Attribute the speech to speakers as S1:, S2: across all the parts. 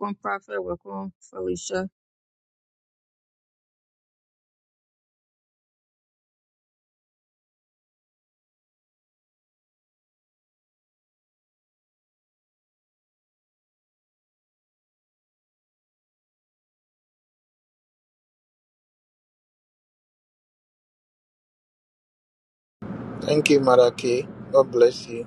S1: Welcome, Prophet. Welcome, Felicia.
S2: Thank you, Maraki. God bless you.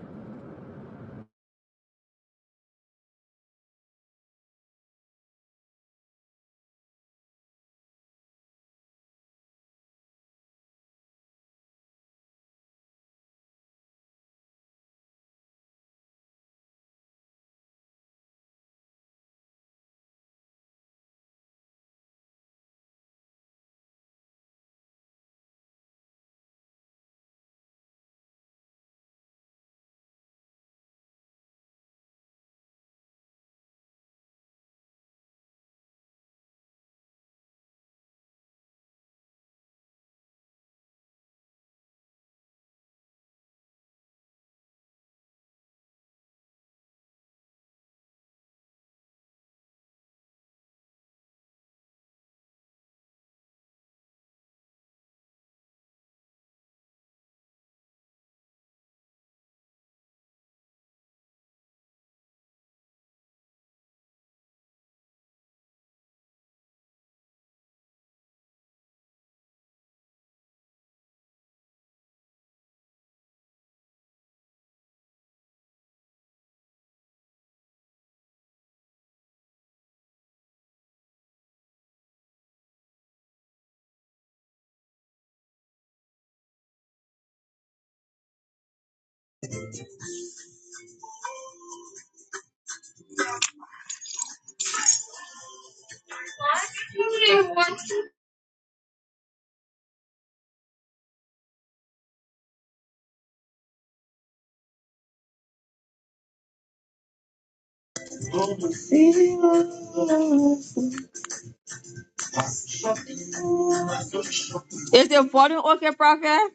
S1: Is the volume okay, Prophet?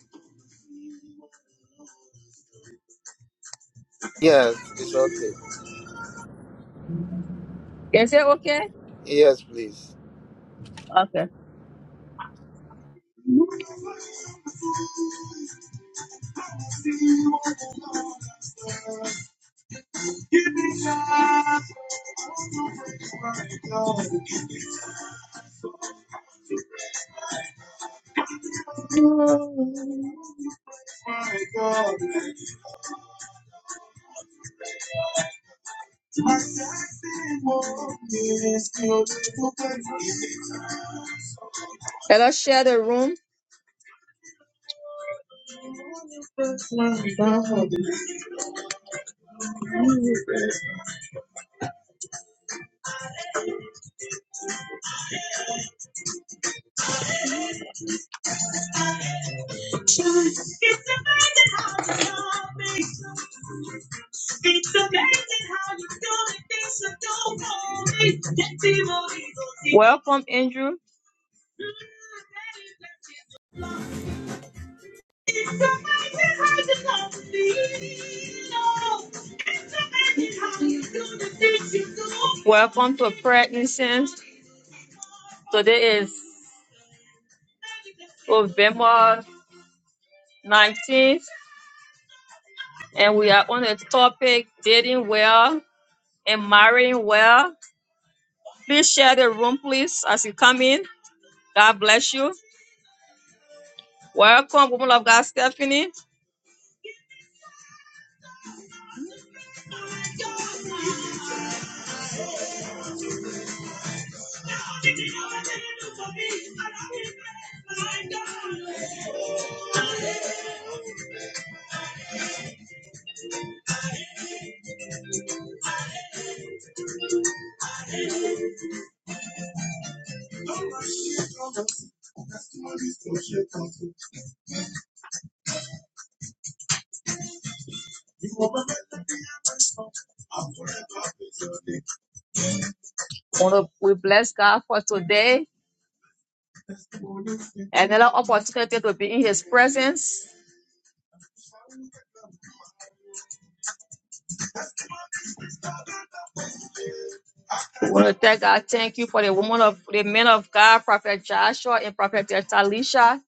S2: Yes, it's okay.
S1: Is it okay?
S2: Yes, please.
S1: Okay. Let us share the room. Welcome, Andrew. Welcome to Pregnancies. Today is November 19th, and we are on the topic dating well and marrying well. Please share the room, please, as you come in. God bless you. Welcome, woman of God, Stephanie. Wanna- We bless God for today. Another opportunity to be in his presence. We want to thank God. Thank you for the woman of the men of God, Prophet Joshua and Prophet Talisha.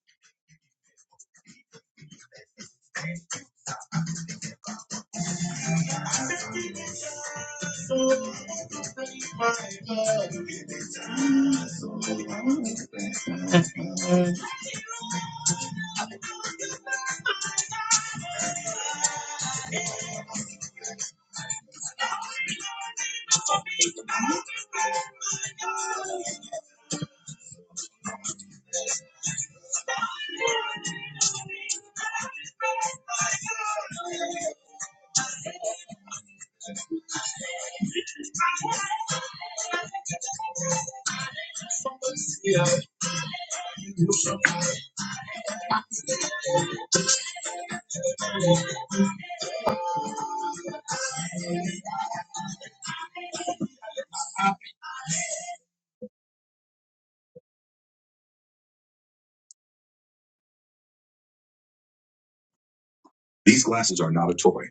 S1: These glasses are not a toy.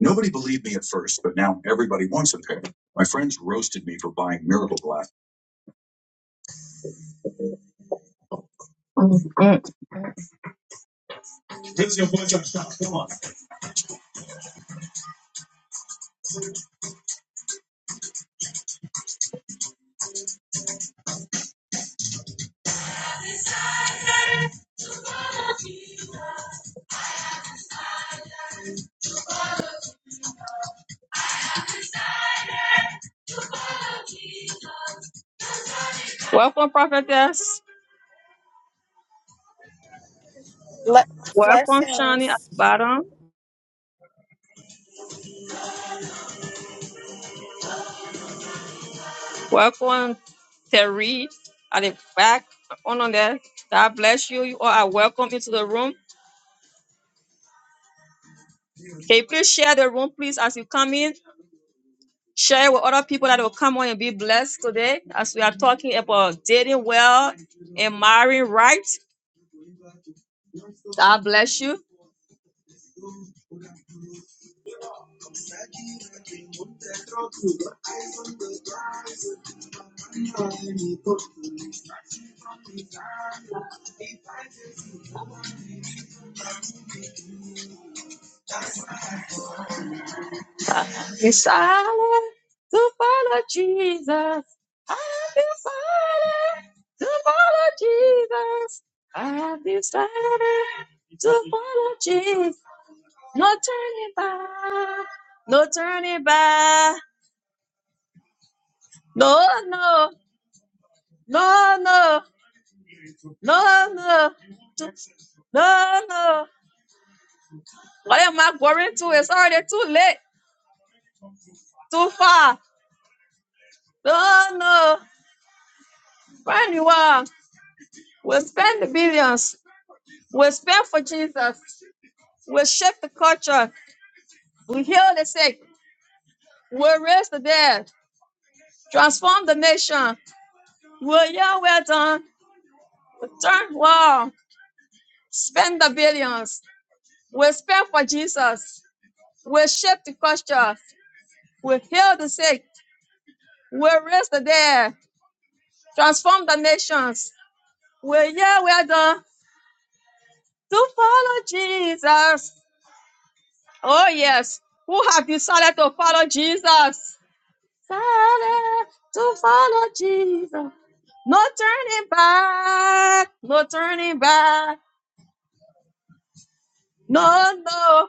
S1: Nobody believed me at first, but now everybody wants a pair. My friends roasted me for buying miracle glasses. Mm. Where's Welcome, prophetess.
S3: Ble-
S1: Welcome, Shani at the
S3: Blessings.
S1: bottom. Welcome, Terry, at the back, on on there. God bless you. You all are welcome into the room. Can you please share the room, please, as you come in? Share it with other people that will come on and be blessed today as we are talking about dating well and marrying right. God bless you. Decided to follow Jesus. I decided to follow Jesus. I decided to follow Jesus. No turning back. No turning back. No, no, no, no, no, no, no, no. What am I going to? It's already too late, too far. No, no. Brand new one. We'll spend the billions. We'll spend for Jesus. We'll shape the culture. We'll heal the sick. We'll raise the dead. Transform the nation. We'll yell well done. We'll turn wow. Spend the billions We speak for Jesus. We shape the culture. We heal the sick. We raise the dead. Transform the nations. We yeah, we are done to follow Jesus. Oh yes. Who have decided to follow Jesus? Decided to follow Jesus. No turning back. No turning back. No, no,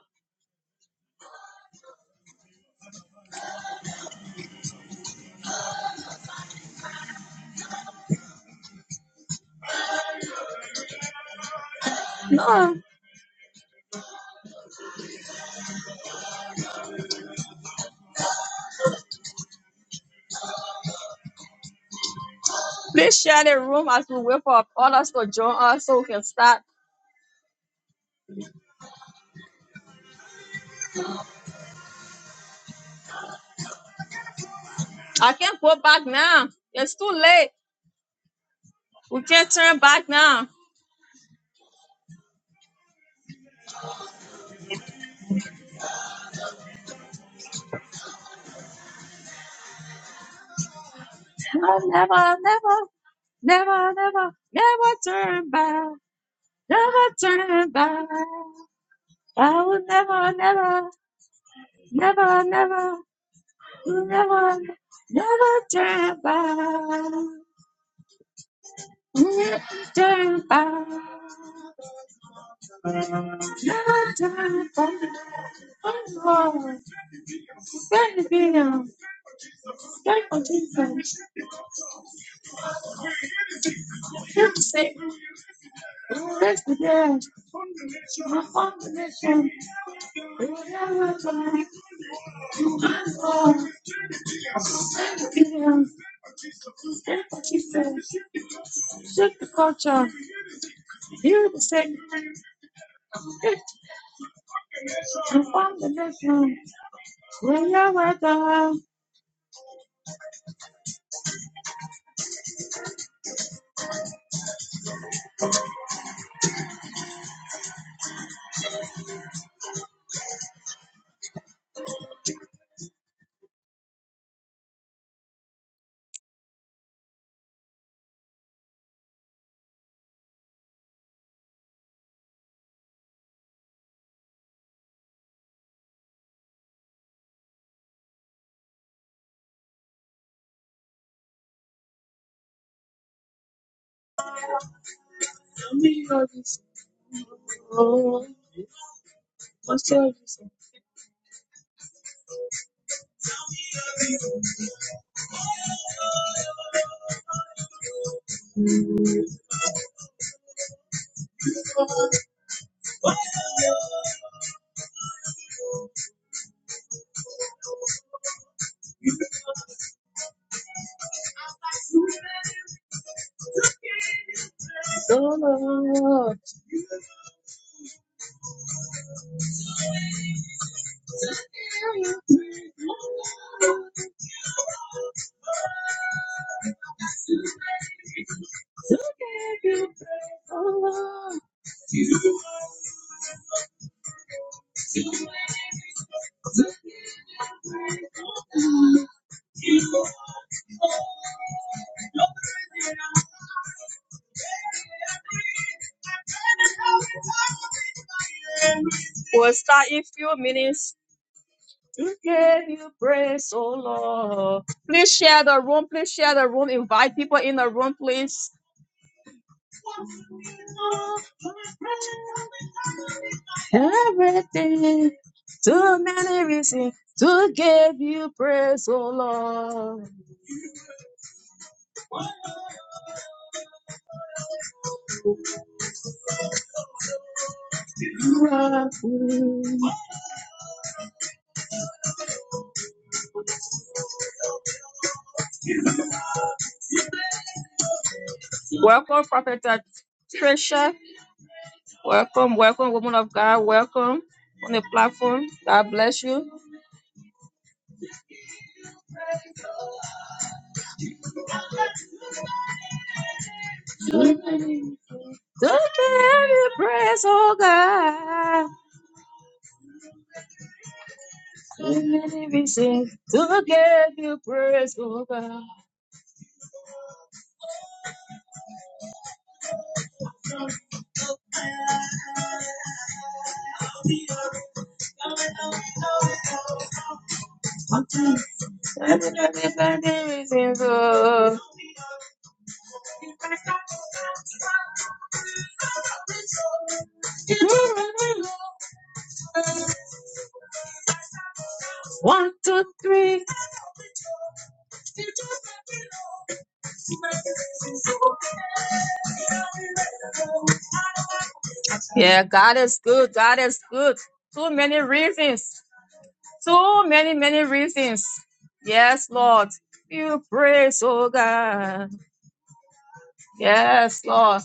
S1: no. Please share the room as we wait for others to join us so we can start. I can't go back now. It's too late. We can't turn back now. I'll never, never, never, never, never turn back. Never turn back. I will never, never, never, never, never, never turn back. Never turn back. Never turn back. Oh Lord, thank you, thank you, Jesus. Thank you, Satan. Thank you, position. Shift the culture. Hear the second. Transform the nation. Whenever the world service for service. Solo. We'll start in few minutes. To give you praise, oh Lord. Please share the room. Please share the room. Invite people in the room, please. Everything, too many reasons to give you praise, oh Lord. Welcome, Prophet Trisha. Welcome, welcome, woman of God. Welcome on the platform. God bless you. To give you praise, oh God. Everything. To give you praise, oh God. Everything, oh. One, two, three. Yeah, God is good. God is good. Too many reasons. So many, many reasons. Yes, Lord. You praise, oh God. Yes, Lord.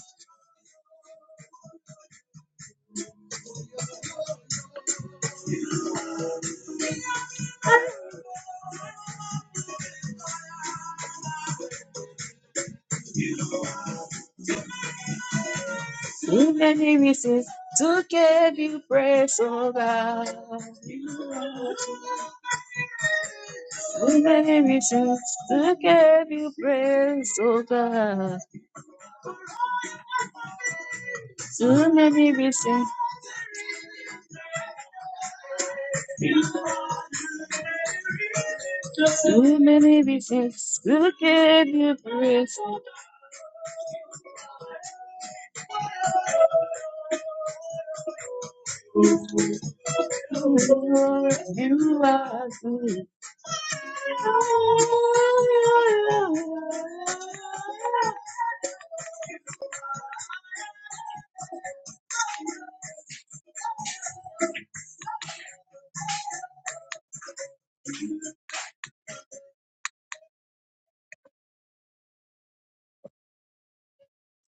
S1: So many reasons to give you praise, oh God. So many reasons to give you praise, oh God. So many reasons, so many reasons to give you praise. Oh Lord, you are good.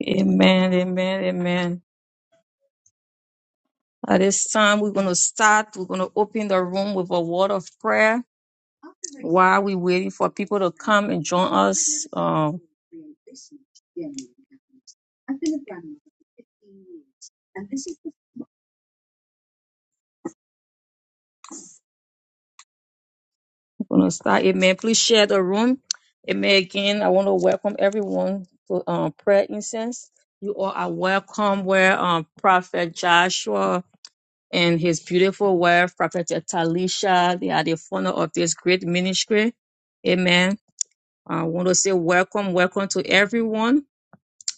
S1: Amen, amen, amen. At this time, we're going to start. We're going to open the room with a word of prayer while we're waiting for people to come and join us. Um, we're going to start. Amen. Please share the room. Amen. Again, I want to welcome everyone to um, prayer incense. You all are welcome where um, Prophet Joshua and his beautiful wife, Prophet Talisha, they are the founder of this great ministry. Amen. I want to say welcome, welcome to everyone.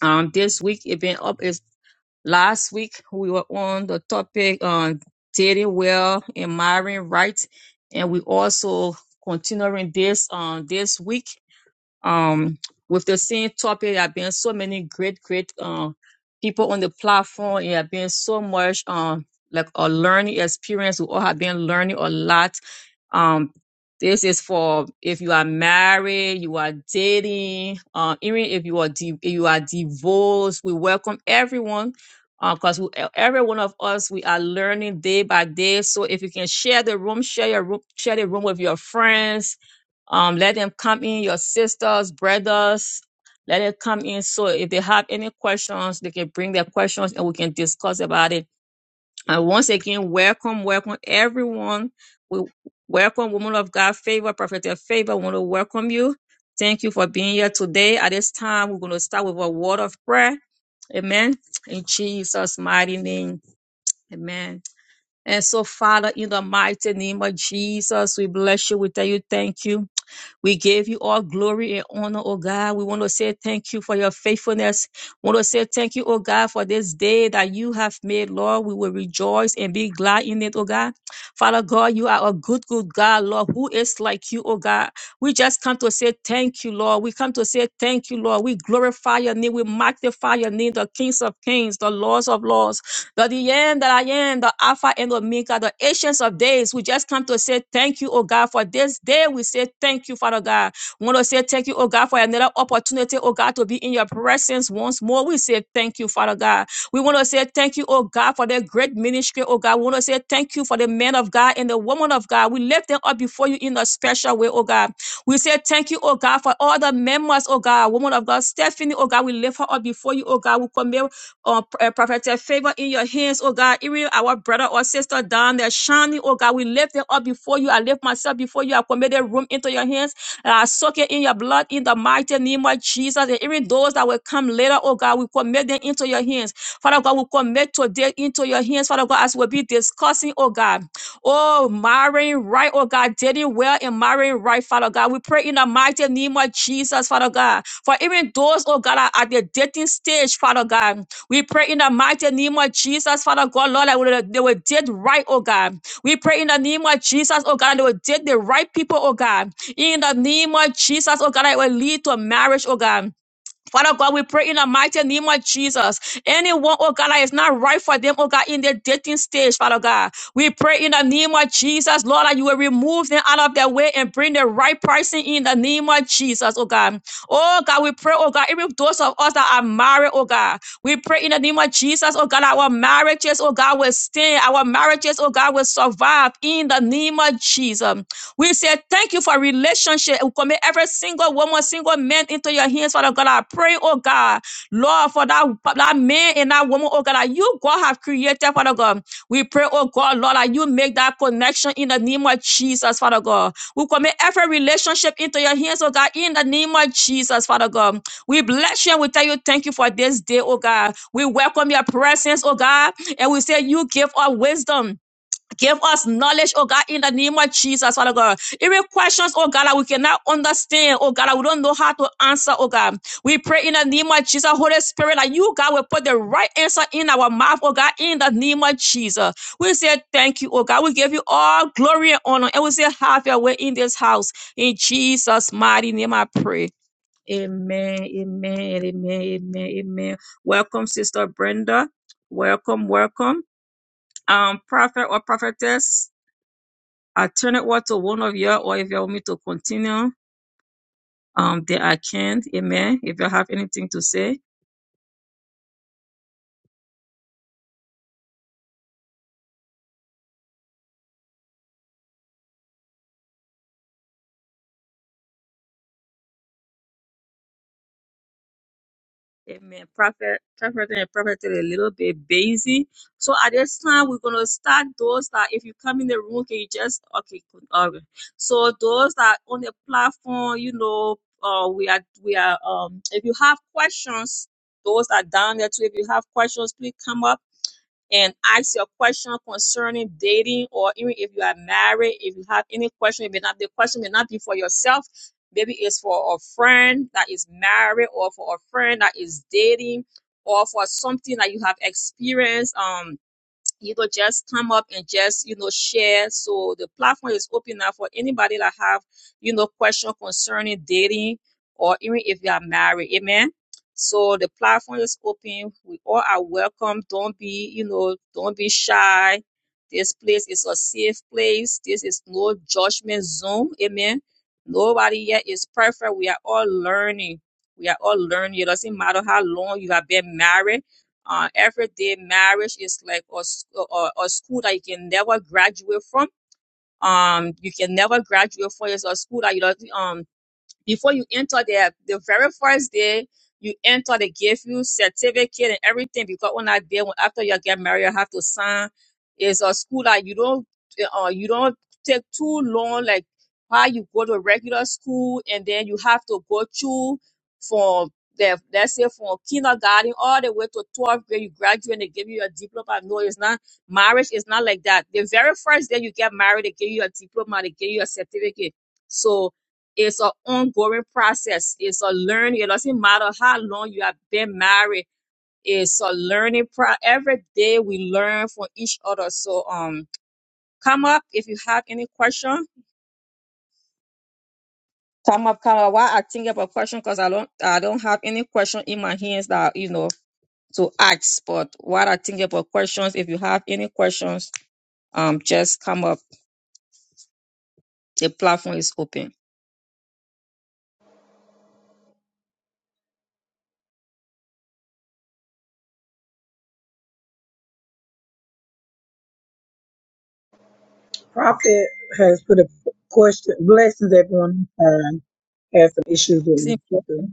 S1: Um, this week it been up is last week we were on the topic on dating well and marrying right, and we also continuing this on this week um with the same topic. There have been so many great, great um people on the platform. It have been so much um like a learning experience. We all have been learning a lot um, this is for if you are married, you are dating, uh, even if you are di- if you are divorced. We welcome everyone, because every one of us we are learning day by day. So if you can share the room, share your room, share the room with your friends. Um, let them come in, your sisters, brothers. Let it come in. So if they have any questions, they can bring their questions and we can discuss about it and once again, welcome, welcome everyone. We welcome woman of God favor, prophet of favor. We want to welcome you. Thank you for being here today. At this time, we're going to start with a word of prayer. Amen. In Jesus' mighty name. Amen. And so, Father, in the mighty name of Jesus, we bless you. We tell you thank you. We give you all glory and honor, oh God. We want to say thank you for your faithfulness. We want to say thank you, oh God, for this day that you have made, Lord. We will rejoice and be glad in it, oh God. Father God, you are a good, good God, Lord. Who is like you, oh God? We just come to say thank you, Lord. We come to say thank you, Lord. We glorify your name. We magnify your name, the kings of kings, the lords of lords the, the end that I am, the Alpha and Omega, the Ancients of Days. We just come to say thank you, oh God, for this day. We say thank you, Father God. We want to say thank you, oh God, for another opportunity, oh God, to be in your presence once more. We say thank you, Father God. We want to say thank you, oh God, for the great ministry, oh God. We want to say thank you for the men of God and the woman of God. We lift them up before you in a special way, oh God. We say thank you, oh God, for all the members, oh God, woman of God, Stephanie, oh God. We lift her up before you, oh God. We commit or uh, prophetic favor in your hands, oh God. Even our brother or sister down there, shining, oh God, we lift them up before you. I lift myself before you. I commit their room into your hands. And I soak it in your blood in the mighty name of Jesus. And even those that will come later, oh God, we commit them into your hands. Father God, we commit today into your hands, Father God, as we'll be discussing, oh God. Oh, marrying right, oh God, dating well and marrying right, Father God. We pray in the mighty name of Jesus, Father God. For even those, oh God, are at the dating stage, Father God. We pray in the mighty name of Jesus, Father God, Lord, that will- they will did right, oh God. We pray in the name of Jesus, oh God, that they will did the right people, oh God. In the name of Jesus, oh God, that it will lead to marriage, oh God. Father God, we pray in the mighty name of Jesus. Anyone, oh God, that is not right for them, oh God, in their dating stage, Father God. We pray in the name of Jesus, Lord, that you will remove them out of their way and bring the right person in the name of Jesus, oh God. Oh God, we pray, oh God, even those of us that are married, oh God, we pray in the name of Jesus, oh God, that our marriages, oh God, will stand. Our marriages, oh God, will survive in the name of Jesus. We say thank you for relationship. We commit every single woman, single man into your hands, Father God. I pray, oh God, Lord, for that, that man and that woman, oh God, that you, God, have created, Father God. We pray, oh God, Lord, that you make that connection in the name of Jesus, Father God. We commit every relationship into your hands, oh God, in the name of Jesus, Father God. We bless you and we tell you thank you for this day, oh God. We welcome your presence, oh God, and we say you give us wisdom. Give us knowledge, oh God, in the name of Jesus, Father God. Every questions, oh God, that we cannot understand, oh God, that we don't know how to answer, oh God. We pray in the name of Jesus, Holy Spirit, that you, God, will put the right answer in our mouth, oh God, in the name of Jesus. We say thank you, oh God. We give you all glory and honor, and we say have your way in this house. In Jesus' mighty name, I pray. Amen, amen, amen, amen, amen. Welcome, Sister Brenda. Welcome, welcome. Um, prophet or prophetess, alternate what to one of you, or if you want me to continue, um, then I can. Amen. If you have anything to say, Amen. Prophet, prophet and prophet is a little bit busy. So at this time, we're going to start those that if you come in the room, can you just, okay, cool, all right. So those that on the platform, you know, uh, we are, we are, um, if you have questions, those that down there too, if you have questions, please come up and ask your question concerning dating or even if you are married, if you have any question, it may not the question may not be for yourself. Maybe it's for a friend that is married or for a friend that is dating or for something that you have experienced. Um you know just come up and just you know share so the platform is open now for anybody that have you know question concerning dating or even if you are married amen so the platform is open we all are welcome don't be you know don't be shy this place is a safe place this is no judgment zone amen nobody here is perfect we are all learning we are all learning it doesn't matter how long you have been married uh, every day marriage is like a, s- a, a school that you can never graduate from. Um, you can never graduate from. It's a school that you don't. um, before you enter there, the very first day you enter, they give you certificate and everything because on that day, when after you get married, you have to sign. It's a school that you don't, uh, you don't take too long, like how you go to regular school and then you have to go through from the, let's say from kindergarten all the way to 12th grade, you graduate and they give you a diploma. No, it's not, marriage is not like that. The very first day you get married, they give you a diploma, they give you a certificate. So, it's an ongoing process. It's a learning. It doesn't matter how long you have been married. It's a learning pro. Every day we learn from each other. So um, come up if you have any question. Come up, come up. Why I think about question because I don't I don't have any question in my hands that you know to ask. But while I think about questions, if you have any questions, um, just come up. The platform is open.
S4: Prophet has put a question. Blessings, everyone. Um, has some issues with me.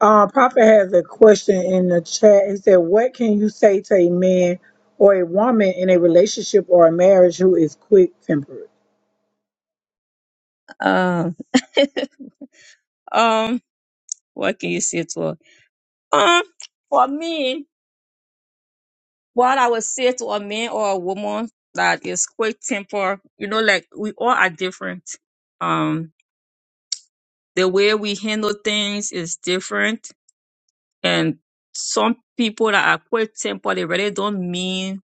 S4: Uh, Prophet has a question in the chat. He said, "What can you say to a man or a woman in a relationship or a marriage who is quick tempered?"
S1: Um, um, what can you say to her? Um, for me, what I would say to a man or a woman that is quick temper, you know, like we all are different. Um, the way we handle things is different, and some people that are quick temper, they really don't mean,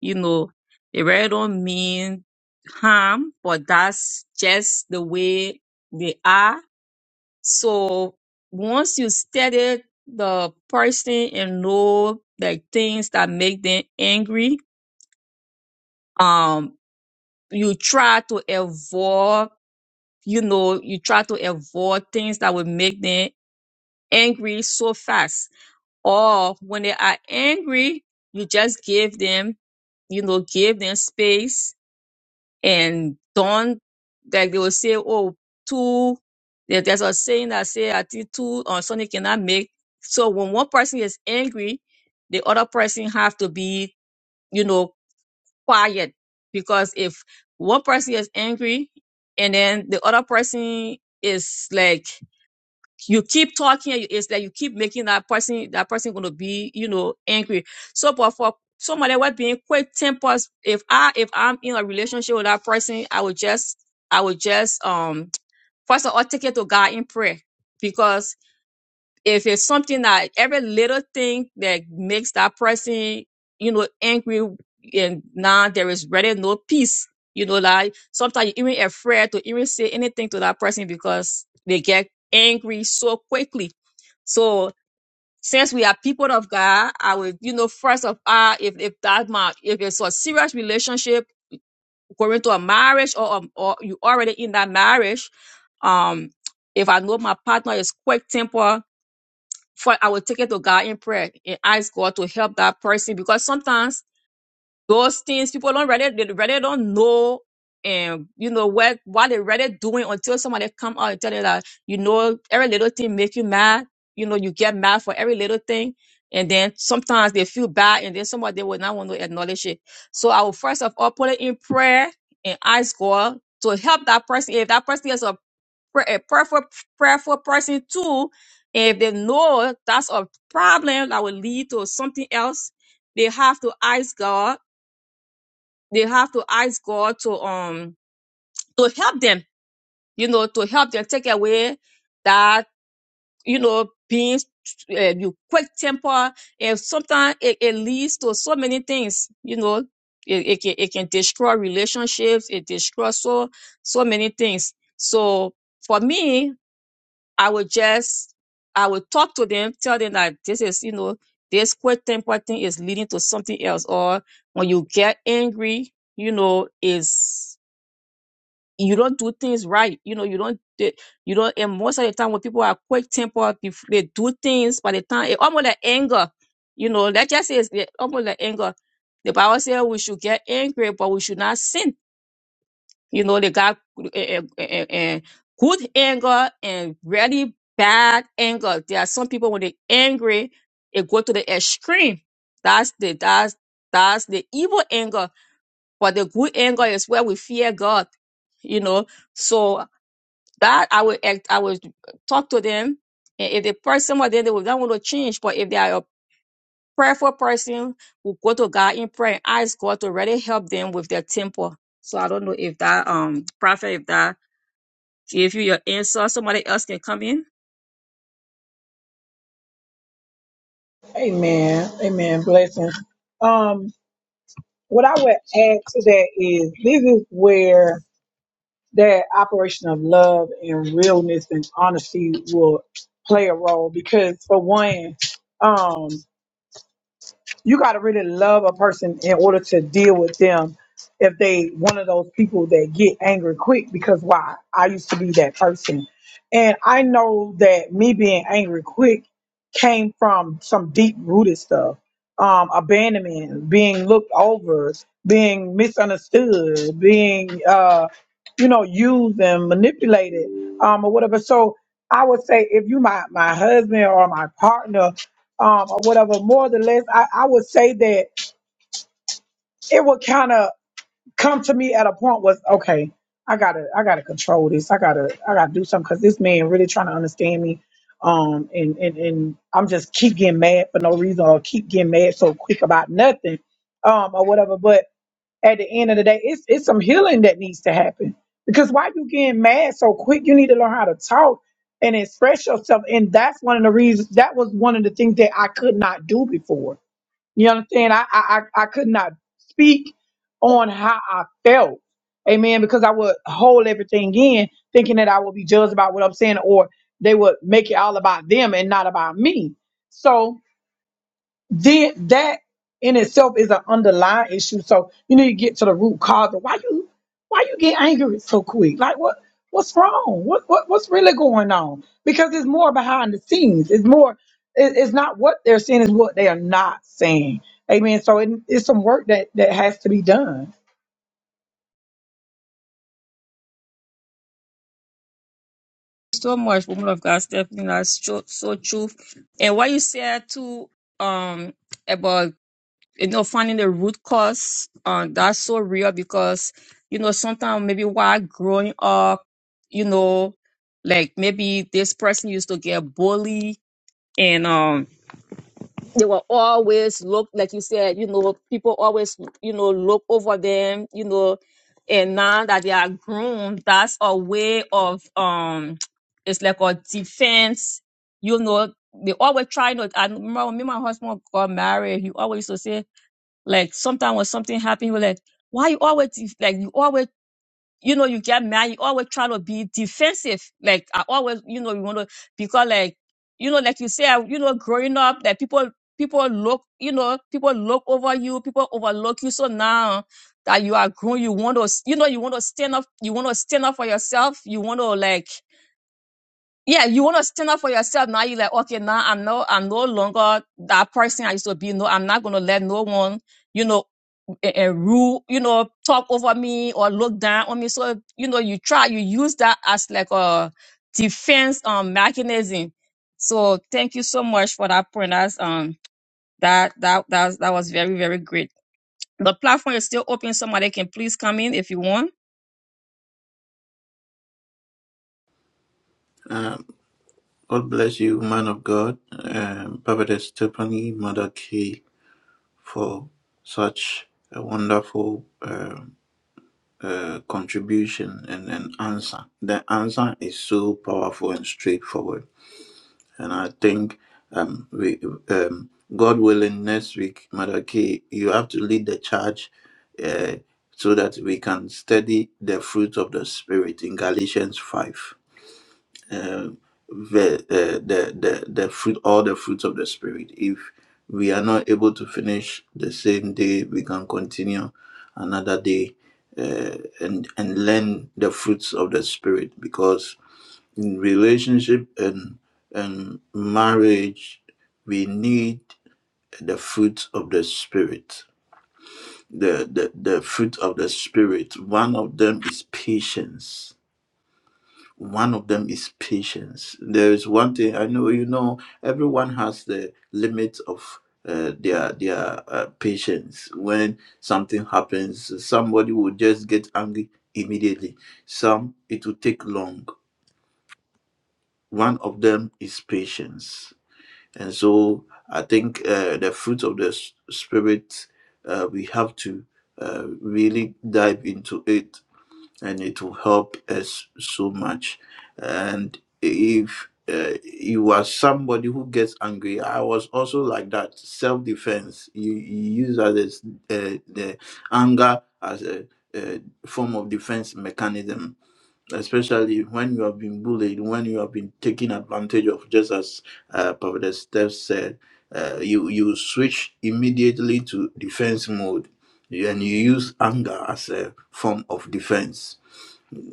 S1: you know, they really don't mean harm, but that's just the way they are So once you study the person and know like things that make them angry, um, you try to avoid, you know, you try to avoid things that will make them angry so fast. Or when they are angry, you just give them, you know, give them space and don't like they will say, oh, two. there- There's a saying that say I think two on Sunday cannot make. So when one person is angry, the other person have to be, you know, quiet because if one person is angry and then the other person is like you keep talking it's like you keep making that person that person gonna be you know angry so but for somebody what being quick tempers if i if i'm in a relationship with that person i would just i would just um first of all take it to god in prayer because if it's something that every little thing that makes that person, you know, angry and now there is really no peace. You know, like sometimes you even afraid to even say anything to that person because they get angry so quickly. So since we are people of God, I would, you know, first of all, if if that my if it's a serious relationship going to a marriage or um, or you already in that marriage, um, if I know my partner is quick temper for I will take it to God in prayer and ask God to help that person because sometimes those things people don't really they really don't know and you know what what they are really doing until somebody come out and tell you that you know every little thing make you mad you know you get mad for every little thing and then sometimes they feel bad and then somebody they will not want to acknowledge it so I will first of all put it in prayer and ask God to help that person if that person is a pra- a prayerful, prayerful person too. And if they know that's a problem that will lead to something else, they have to ask God. They have to ask God to um to help them. You know, to help them take away that you know being uh, you quick temper. And sometimes it, it leads to so many things. You know, it, it can it can destroy relationships. It destroys so so many things. So for me, I would just I would talk to them, tell them that this is, you know, this quick temper thing is leading to something else. Or when you get angry, you know, is you don't do things right. You know, you don't d- you don't and most of the time when people are quick tempered, bef- they do things by the time it almost like anger. You know, that just is almost like anger. The Bible says we should get angry, but we should not sin you know, they got eh, eh, eh, eh, eh, good anger and really bad anger. There are some people when they're angry, it go to the extreme. That's the that's that's the evil anger. But the good anger is where we fear God. You know, so that I would act- I would talk to them. And if the person was then they will not want to change. But if they are a prayerful person, will go to God in prayer and ask God to really help them with their temper. So I don't know if that um prophet if that Give you your answer. Somebody else can come in.
S4: Amen. Amen. Blessings. Um, what I would add to that is this is where that operation of love and realness and honesty will play a role because for one. um, you got to really love a person in order to deal with them if they one of those people that get angry quick because why i used to be that person and i know that me being angry quick came from some deep rooted stuff um abandonment being looked over being misunderstood being uh you know used and manipulated um or whatever so i would say if you my my husband or my partner um, or whatever. More or less, I, I would say that it would kind of come to me at a point was okay. I gotta, I gotta control this. I gotta, I gotta do something because this man really trying to understand me. Um, and and and I'm just keep getting mad for no reason or keep getting mad so quick about nothing, um, or whatever. But at the end of the day, it's it's some healing that needs to happen because why you getting mad so quick? You need to learn how to talk and express yourself, and that's one of the reasons. That was one of the things that I could not do before you understand? I, I I I could not speak on how I felt. Amen. Because I would hold everything in, thinking that I would be judged about what I'm saying, or they would make it all about them and not about me. So then that in itself is an underlying issue. So you need to get to the root cause of why you why you get angry so quick. Like what what's wrong? What what what's really going on? Because it's more behind the scenes. It's more it, it's not what they're saying, it's what they are not saying. Amen. So it, it's some work that that has to be done.
S1: So much, woman of God, Stephanie. That's so, so true. And what you said too, um, about you know finding the root cause, um, that's so real because you know sometimes maybe while growing up, you know, like maybe this person used to get bullied, and um they were always look like you said you know people always you know look over them you know and now that they are grown that's a way of um it's like a defense you know they always try not i remember when me and my husband got married he always used to say like sometimes when something happened he was like why you always def- like you always you know, you get mad, you always try to be defensive. Like I always, you know, you want to because like you know, like you said, you know, growing up, that people people look, you know, people look over you, people overlook you. So now that you are grown, you want to, you know, you want to stand up, you want to stand up for yourself. You want to like, yeah, you want to stand up for yourself. Now you're like, okay, now I'm no, I'm no longer that person I used to be. No, I'm not gonna let no one. you know and, and rule, you know, talk over me or look down on me. So, you know, you try, you use that as like a defense um mechanism. So thank you so much for that point. That's um that that that that was very, very great. The platform is still open. Somebody can please come in if you want.
S2: Um, God bless you, man of God, um, Prophet Stephanie Maraki, for such a wonderful um uh, contribution and an answer. The answer is so powerful and straightforward. And I think um, we, um, God willing, next week, Mother Kay, you have to lead the charge uh, so that we can study the fruit of the Spirit in Galatians 5. Um the, uh, the, the, the fruit, all the fruits of the Spirit. If we are not able to finish the same day, we can continue another day uh, and, and learn the fruits of the Spirit because in relationship and and marriage we need the fruit of the spirit the, the the fruit of the spirit one of them is patience one of them is patience there is one thing i know you know everyone has the limit of uh, their their uh, patience when something happens somebody will just get angry immediately some it will take long one of them is patience And so I think uh, the fruit of the s- Spirit, uh, we have to uh, really dive into it and it will help us so much. And if uh, you are somebody who gets angry, I was also like that self defense. You, you use as a s- uh, the anger as a, uh form of defense mechanism especially when you have been bullied, when you have been taken advantage of, just as uh, Prophet Steph said, uh, you you switch immediately to defense mode, and you use anger as a form of defense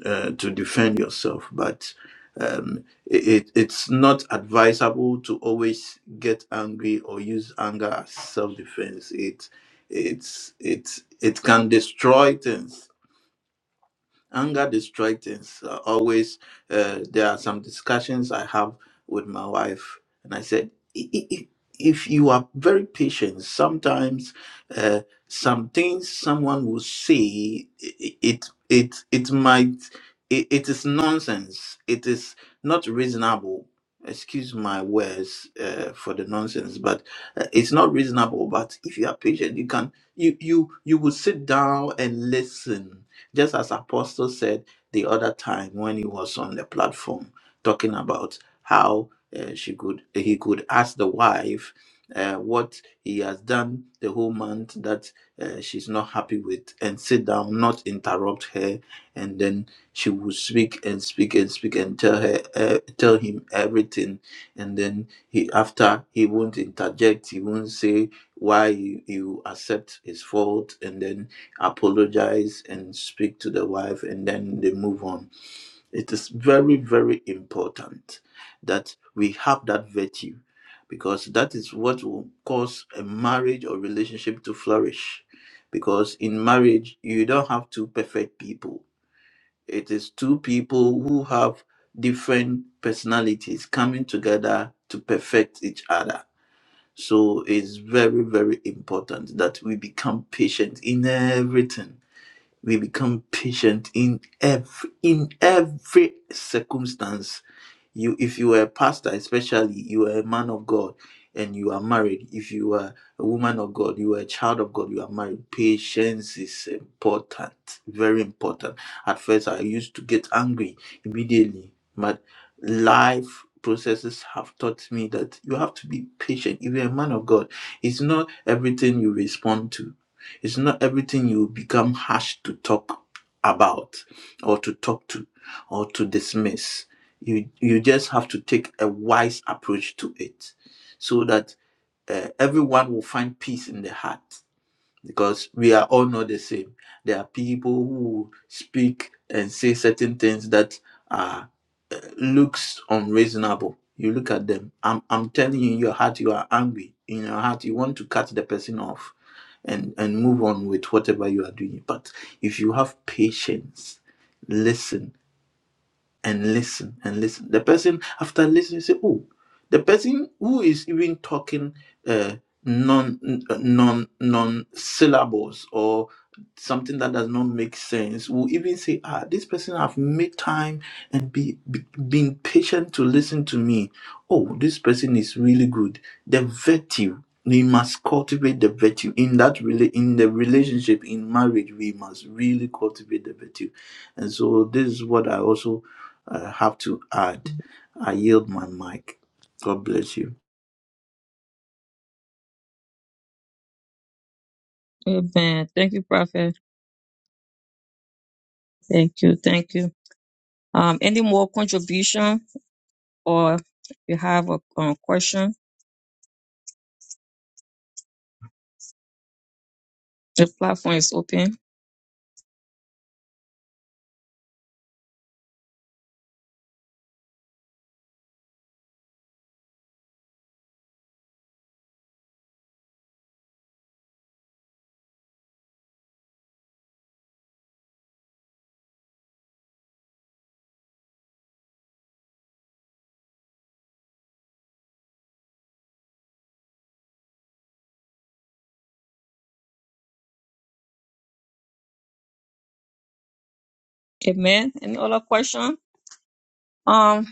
S2: uh, to defend yourself. But um, it, it- it's not advisable to always get angry or use anger as self defense. It it's it it can destroy things Anger destroys things. Uh, always, uh, there are some discussions I have with my wife, and I said, "I- I- I- if you are very patient, sometimes uh, some things someone will say, i- i- it it it might it, it is nonsense. It is not reasonable. Excuse my words uh, for the nonsense, but uh, it's not reasonable. But if you are patient, you can you you you will sit down and listen just as Apostle said the other time when he was on the platform talking about how uh, she could he could ask the wife uh, what he has done the whole month that uh, she's not happy with and sit down not interrupt her and then she would speak and speak and speak and tell her uh, tell him everything and then he after he won't interject he won't say why you, you accept his fault and then apologize and speak to the wife and then they move on it is very very important that we have that virtue because that is what will cause a marriage or relationship to flourish because in marriage you don't have two perfect people it is two people who have different personalities coming together to perfect each other so it's very very important that we become patient in everything we become patient in every in every circumstance you if you are a pastor especially you are a man of god and you are married if you are a woman of god you are a child of god you are married patience is important very important at first i used to get angry immediately but life processes have taught me that you have to be patient if you're a man of god it's not everything you respond to it's not everything you become harsh to talk about or to talk to or to dismiss you you just have to take a wise approach to it so that uh, everyone will find peace in the heart because we are all not the same there are people who speak and say certain things that are uh, looks unreasonable you look at them i'm i'm telling you in your heart you are angry in your heart you want to cut the person off and and move on with whatever you are doing but if you have patience listen and listen and listen. The person after listening say, "Oh, the person who is even talking uh, non uh, non non syllables or something that does not make sense will even say, "Ah, this person have made time and be, be been patient to listen to me. Oh, this person is really good. The virtue." We must cultivate the virtue in that rela- in the relationship in marriage. We must really cultivate the virtue, and so this is what I also uh, have to add. I yield my mic. God bless you.
S1: Amen. Thank you, Prophet. Thank you. Thank you. Um, any more contribution? or if you have a um, question, the platform is open. Amen. Any other question? Um,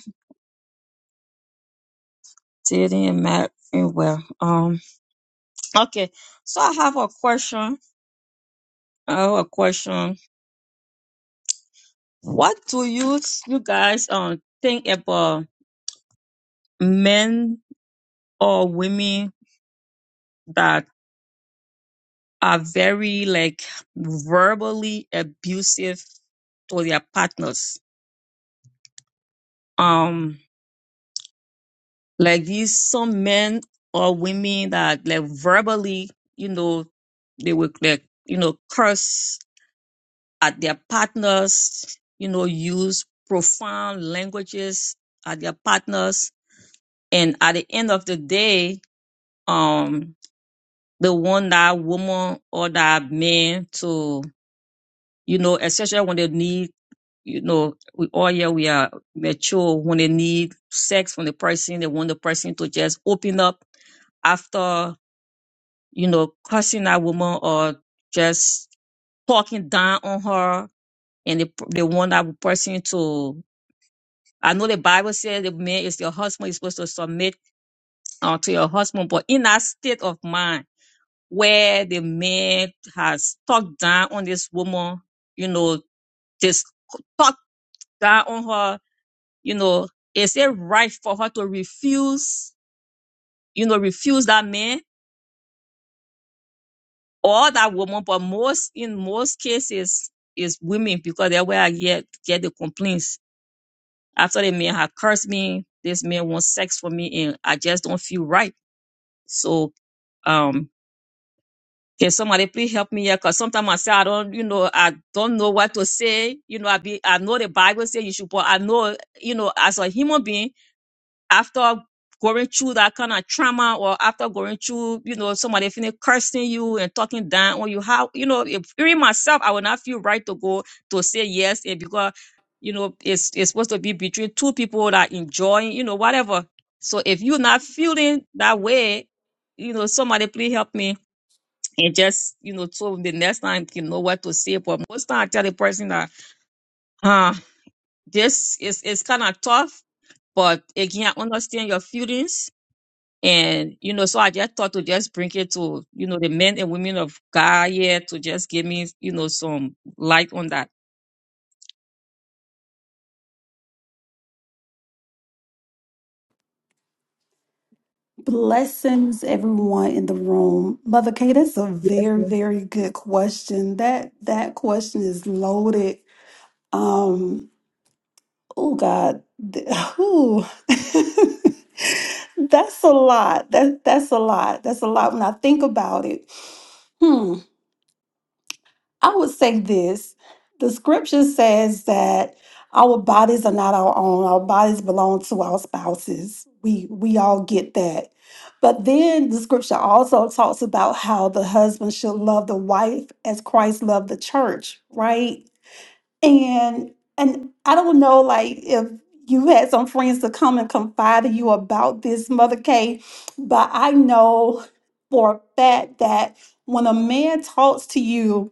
S1: didn't matter. Well, um, okay. So I have a question. I have a question. What do you you guys um think about men or women that? are very like verbally abusive to their partners. Um, like these some men or women that like verbally, you know, they would like, you know, curse at their partners, you know, use profound languages at their partners. And at the end of the day, um, they want that woman or that man to you know, especially when they need, you know, we all here we are mature when they need sex from the person, they want the person to just open up after, you know, cursing that woman or just talking down on her and they, they want that person to I know the Bible says the man is your husband, you're supposed to submit uh, to your husband, but in that state of mind where the man has talked down on this woman, you know, this God on her, you know, is it right for her to refuse, you know, refuse that man or that woman? But most in most cases is women because that's where I get get the complaints. After the man had cursed me, this man wants sex for me and I just don't feel right. So um can somebody please help me here? Cause sometimes I say I don't, you know, I don't know what to say. You know, I be I know the Bible says you should, but I know, you know, as a human being, after going through that kind of trauma or after going through, you know, somebody finna cursing you and talking down on you, how, you know, if even myself, I would not feel right to go to say yes and because, you know, it's, it's supposed to be between two people that enjoying, you know, whatever. So if you're not feeling that way, you know, somebody please help me and just, you know, so the next time you know what to say. But most time I tell the person that, huh, this is, is kind of tough, but again, I understand your feelings and, you know, so I just thought to just bring it to, you know, the men and women of God here to just give me, you know, some light on that.
S3: Blessings, everyone in the room. Mother Kay, that's a
S1: Yes,
S3: very,
S1: yes.
S3: very good question. That that question is loaded. Um, oh God, th- ooh. that's a lot. That that's a lot. That's a lot when I think about it. Hmm. I would say this the scripture says that our bodies are not our own, our bodies belong to our spouses. We, we all get that. But then the scripture also talks about how the husband should love the wife as Christ loved the church, right? And and I don't know like if you had some friends to come and confide in you about this, Mother Kay, but I know for a fact that when a man talks to you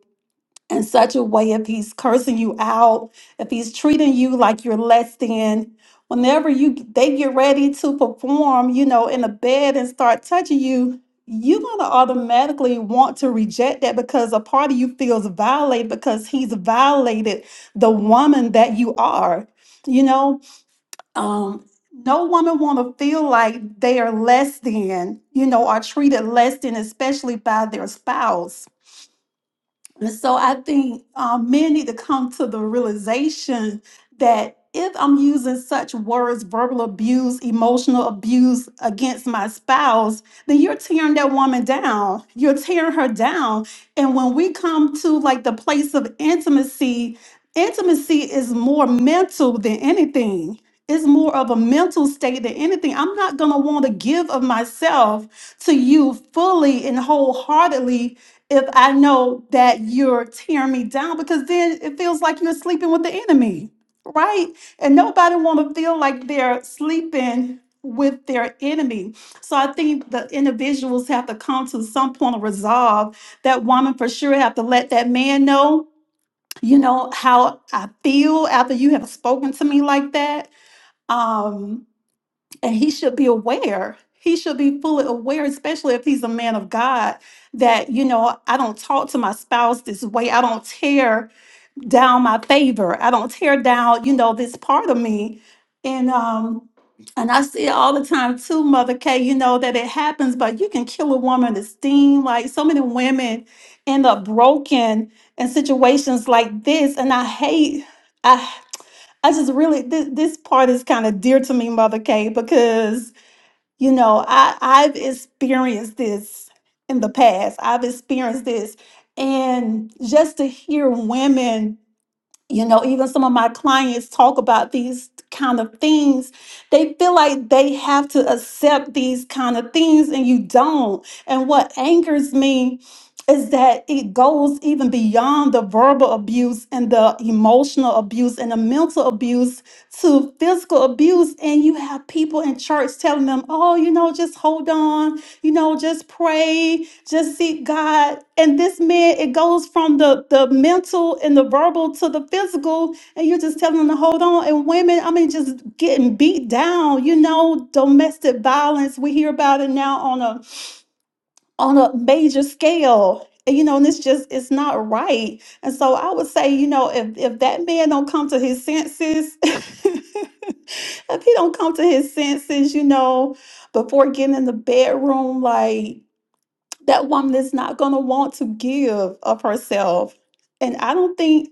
S3: in such a way if he's cursing you out, if he's treating you like you're less than. Whenever you they get ready to perform, you know, in the bed and start touching you, you're gonna automatically want to reject that because a part of you feels violated because he's violated the woman that you are. You know, um, no woman want to feel like they are less than, you know, are treated less than, especially by their spouse and so I think um, men need to come to the realization that if I'm using such words, verbal abuse, emotional abuse against my spouse, then you're tearing that woman down. You're tearing her down. And when we come to like the place of intimacy, intimacy is more mental than anything. It's more of a mental state than anything. I'm not going to want to give of myself to you fully and wholeheartedly if I know that you're tearing me down because then it feels like you're sleeping with the enemy, right? And nobody want to feel like they're sleeping with their enemy. So I think the individuals have to come to some point of resolve. That woman for sure have to let that man know, you know, how I feel after you have spoken to me like that. Um and he should be aware. He should be fully aware, especially if he's a man of God, that, you know, I don't talk to my spouse this way. I don't tear down my favor. I don't tear down, you know, this part of me. And um, and I see it all the time too, Mother K, you know, that it happens, but you can kill a woman esteem. Like so many women end up broken in situations like this. And I hate, I I just really this, this part is kind of dear to me, Mother K, because you know, I, I've experienced this in the past. I've experienced this. And just to hear women you know even some of my clients talk about these kind of things they feel like they have to accept these kind of things and you don't and what angers me is that it goes even beyond the verbal abuse and the emotional abuse and the mental abuse to physical abuse and you have people in church telling them oh you know just hold on you know, just pray, just seek God. And this man, it goes from the, the mental and the verbal to the physical, and you're just telling them to hold on. And women, I mean, just getting beat down, you know, domestic violence. We hear about it now on a on a major scale. And, you know, and it's just it's not right. And so I would say, you know, if if that man don't come to his senses, if he don't come to his senses, you know, before getting in the bedroom, like that woman is not going to want to give of herself and i don't think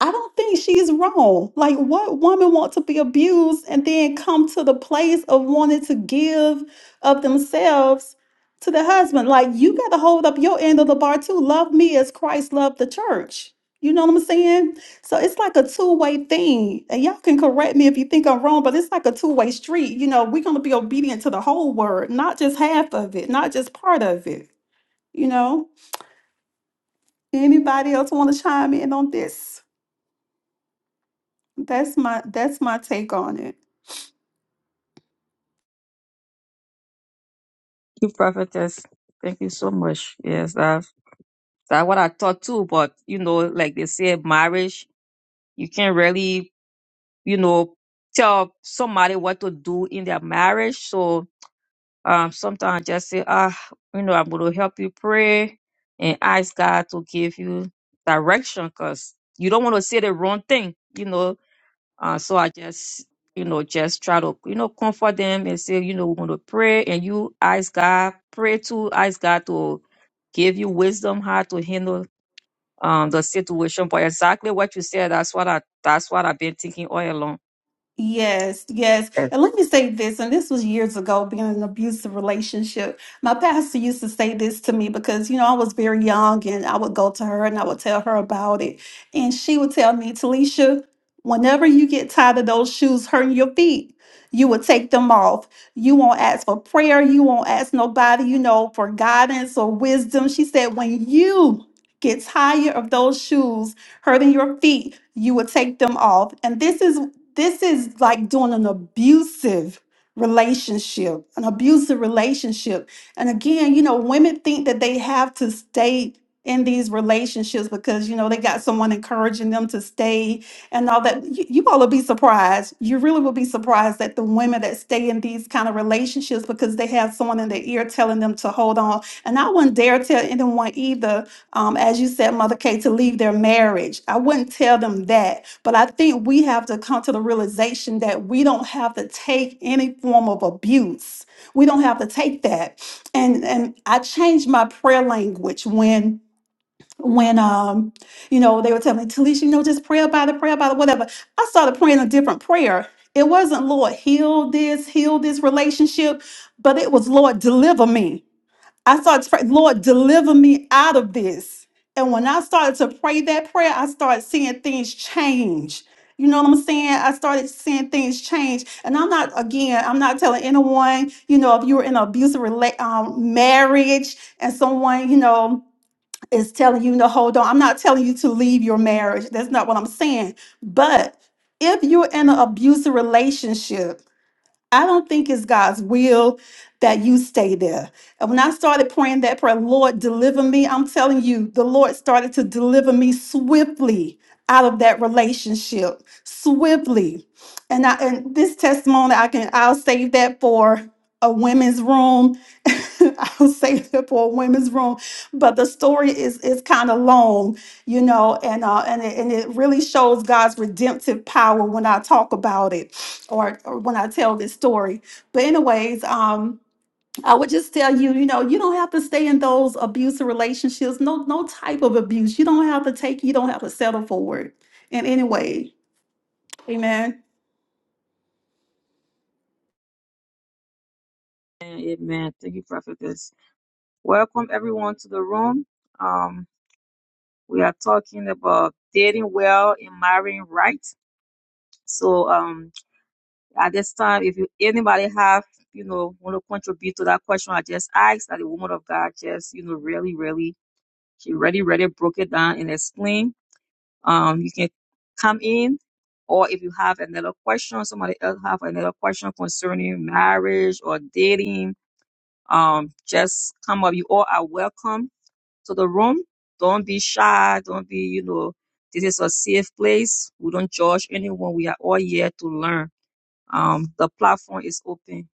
S3: i don't think she's wrong like what woman want to be abused and then come to the place of wanting to give of themselves to the husband like you got to hold up your end of the bar too love me as christ loved the church you know what i'm saying so it's like a two-way thing and y'all can correct me if you think i'm wrong but it's like a two-way street you know we're going to be obedient to the whole word not just half of it not just part of it you know, anybody else want to chime in on this? That's my that's my take on it.
S1: You prophetess. Thank you so much. Yes, that's that's what I thought too. But you know, like they say, marriage, you can't really, you know, tell somebody what to do in their marriage. So Um, sometimes just say, ah, you know, I'm going to help you pray and ask God to give you direction because you don't want to say the wrong thing, you know. Uh, so I just, you know, just try to, you know, comfort them and say, you know, we're going to pray and you ask God, pray to, ask God to give you wisdom how to handle um the situation. But exactly what you said, that's what I, that's what I've been thinking all along.
S3: Yes, yes.
S1: Amen.
S3: And let me say this, and this was years ago, being in an abusive relationship. My pastor used to say this to me because, you know, I was very young and I would go to her and I would tell her about it. And she would tell me, Talisha, whenever you get tired of those shoes hurting your feet, you will take them off. You won't ask for prayer. You won't ask nobody, you know, for guidance or wisdom. She said, when you get tired of those shoes hurting your feet, you will take them off. And this is this is like doing an abusive relationship, an abusive relationship. And again, you know, women think that they have to stay in these relationships because, you know, they got someone encouraging them to stay and all that. You, you all will be surprised. You really will be surprised at the women that stay in these kind of relationships because they have someone in their ear telling them to hold on. And I wouldn't dare tell anyone either, um, as you said, Mother Kate, to leave their marriage. I wouldn't tell them that but I think we have to come to the realization that we don't have to take any form of abuse. We don't have to take that. And and I changed my prayer language when when um you know they were telling me, Talisha, you know, just pray about it, pray about it, whatever. I started praying a different prayer. It wasn't Lord heal this, heal this relationship, but it was Lord deliver me. I started to pray, Lord, deliver me out of this. And when I started to pray that prayer, I started seeing things change. You know what I'm saying? I started seeing things change. And I'm not, again, I'm not telling anyone, you know, if you were in an abusive rela- um, marriage and someone, you know, is telling you, no, hold on. I'm not telling you to leave your marriage. That's not what I'm saying. But if you're in an abusive relationship, I don't think it's God's will that you stay there. And when I started praying that prayer, Lord, deliver me, I'm telling you, the Lord started to deliver me swiftly out of that relationship, swiftly. And I and this testimony, I can I'll save that for a women's room. I'll save that for a women's room. But the story is is kind of long, you know, and uh and it, and it really shows God's redemptive power when I talk about it or, or when I tell this story. But anyways, um, I would just tell you, you know, you don't have to stay in those abusive relationships. No, no type of abuse. You don't have to take. You don't have to settle for it in any way. Amen.
S1: Amen. Thank you, prophetess. Welcome everyone to the room. Um, We are talking about dating well and marrying right. So um at this time, if you anybody have, you know, want to contribute to that question I just asked, that the woman of God just, you know, really, really, she really, really broke it down and explained. Um, you can come in or if you have another question, somebody else have another question concerning marriage or dating, um, just come up. You all are welcome to the room. Don't be shy. Don't be, you know, this is a safe place. We don't judge anyone. We are all here to learn. Um, the platform is open.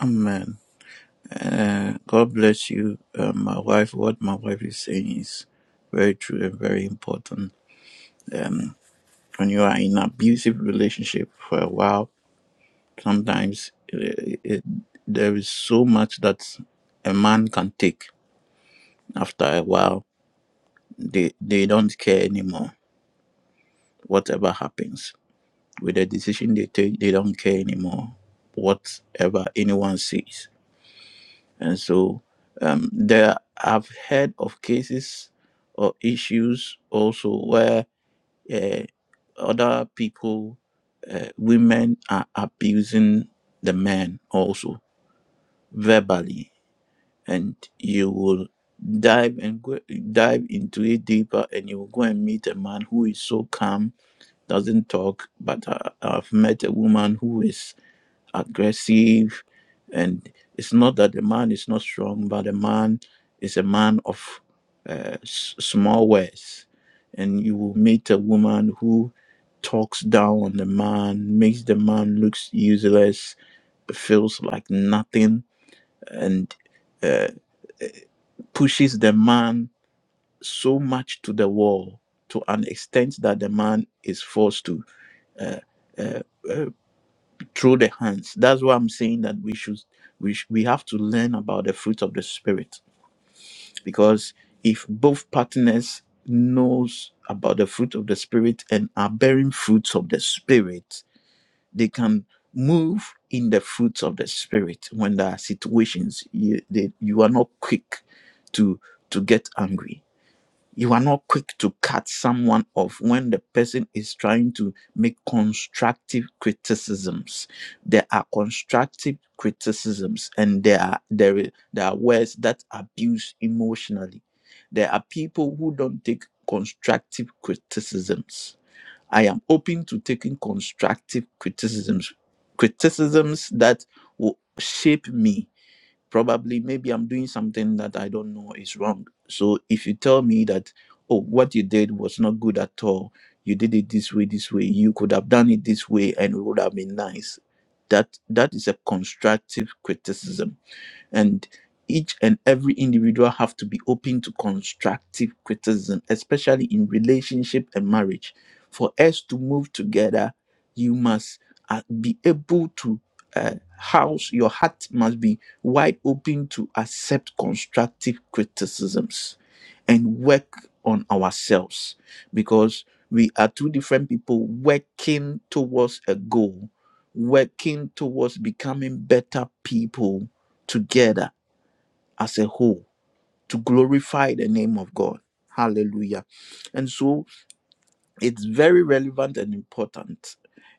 S2: Amen. Uh, God bless you, uh, my wife. What my wife is saying is very true and very important. Um, when you are in an abusive relationship for a while, sometimes it, it, there is so much that a man can take. After a while, they they don't care anymore. Whatever happens, with the decision they take, they don't care anymore, whatever anyone says. And so um, there I've heard of cases or issues also where uh, other people, uh, women are abusing the men also verbally, and you will dive and go, dive into it deeper, and you will go and meet a man who is so calm, doesn't talk, but I, I've met a woman who is aggressive and it's not that the man is not strong but the man is a man of uh, s- small words and you will meet a woman who talks down on the man makes the man looks useless feels like nothing and uh, pushes the man so much to the wall to an extent that the man is forced to uh, uh, uh, through the hands. That's why I'm saying that we should we sh- we have to learn about the fruit of the spirit because if both partners knows about the fruit of the spirit and are bearing fruits of the spirit, they can move in the fruits of the spirit when there are situations you, they, you are not quick to to get angry you are not quick to cut someone off when the person is trying to make constructive criticisms. There are constructive criticisms, and there are there, i- there are words that abuse emotionally. There are people who don't take constructive criticisms. I am open to taking constructive criticisms, criticisms that will shape me probably maybe i'm doing something that i don't know is wrong so if you tell me that oh what you did was not good at all you did it this way this way you could have done it this way and it would have been nice that that is a constructive criticism and each and every individual have to be open to constructive criticism especially in relationship and marriage for us to move together you must uh, be able to uh, house your heart must be wide open to accept constructive criticisms and work on ourselves because we are two different people working towards a goal working towards becoming better people together as a whole to glorify the name of God. Hallelujah. And so it's very relevant and important.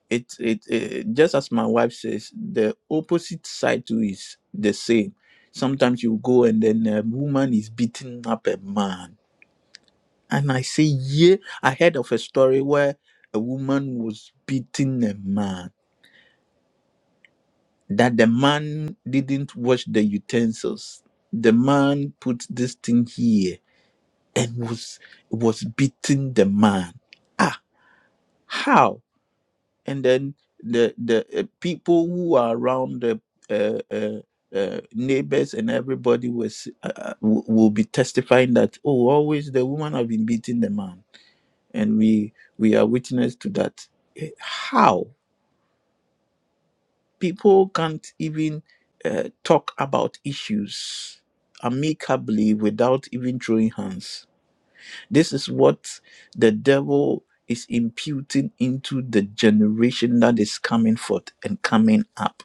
S2: It, it, it just as my wife says, the opposite side to is the same. Sometimes you go and then a woman is beating up a man. And I say, yeah, I heard of a story where a woman was beating a man, that the man didn't wash the utensils. The man put this thing here and was was beating the man. Ah, how? And then the the uh, people who are around the uh, uh, uh, neighbors and everybody was uh, uh, will will be testifying that oh, always the woman have been beating the man, and we we are witness to that. Eh, How people can't even uh, talk about issues amicably without even throwing hands This is what the devil is imputing into the generation that is coming forth and coming up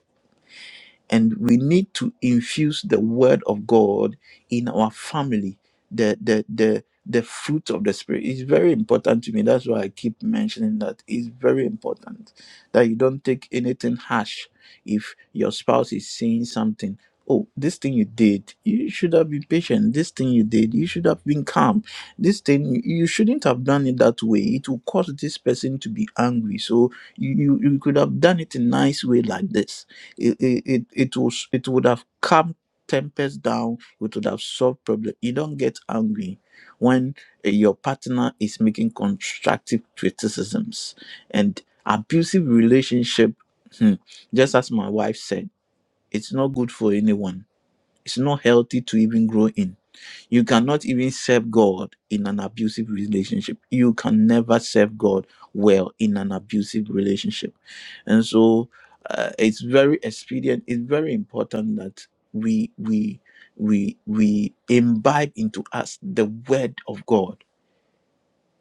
S2: and we need to infuse the word of god in our family the the the the fruit of the spirit is very important to me that's why i keep mentioning that it's very important that you don't take anything harsh if your spouse is saying something oh this thing you did you should have been patient this thing you did you should have been calm this thing you shouldn't have done it that way it will cause this person to be angry so you you, you could have done it in a nice way like this it it it, it was it would have calmed tempest down. It would have solved problem. You don't get angry when eh, your partner is making constructive criticisms and abusive relationship. hmm, just as my wife said, it's not good for anyone. It's not healthy to even grow in you cannot even serve God in an abusive relationship. You can never serve God well in an abusive relationship. And so uh, it's very expedient, it's very important that we we we we imbibe into us the word of God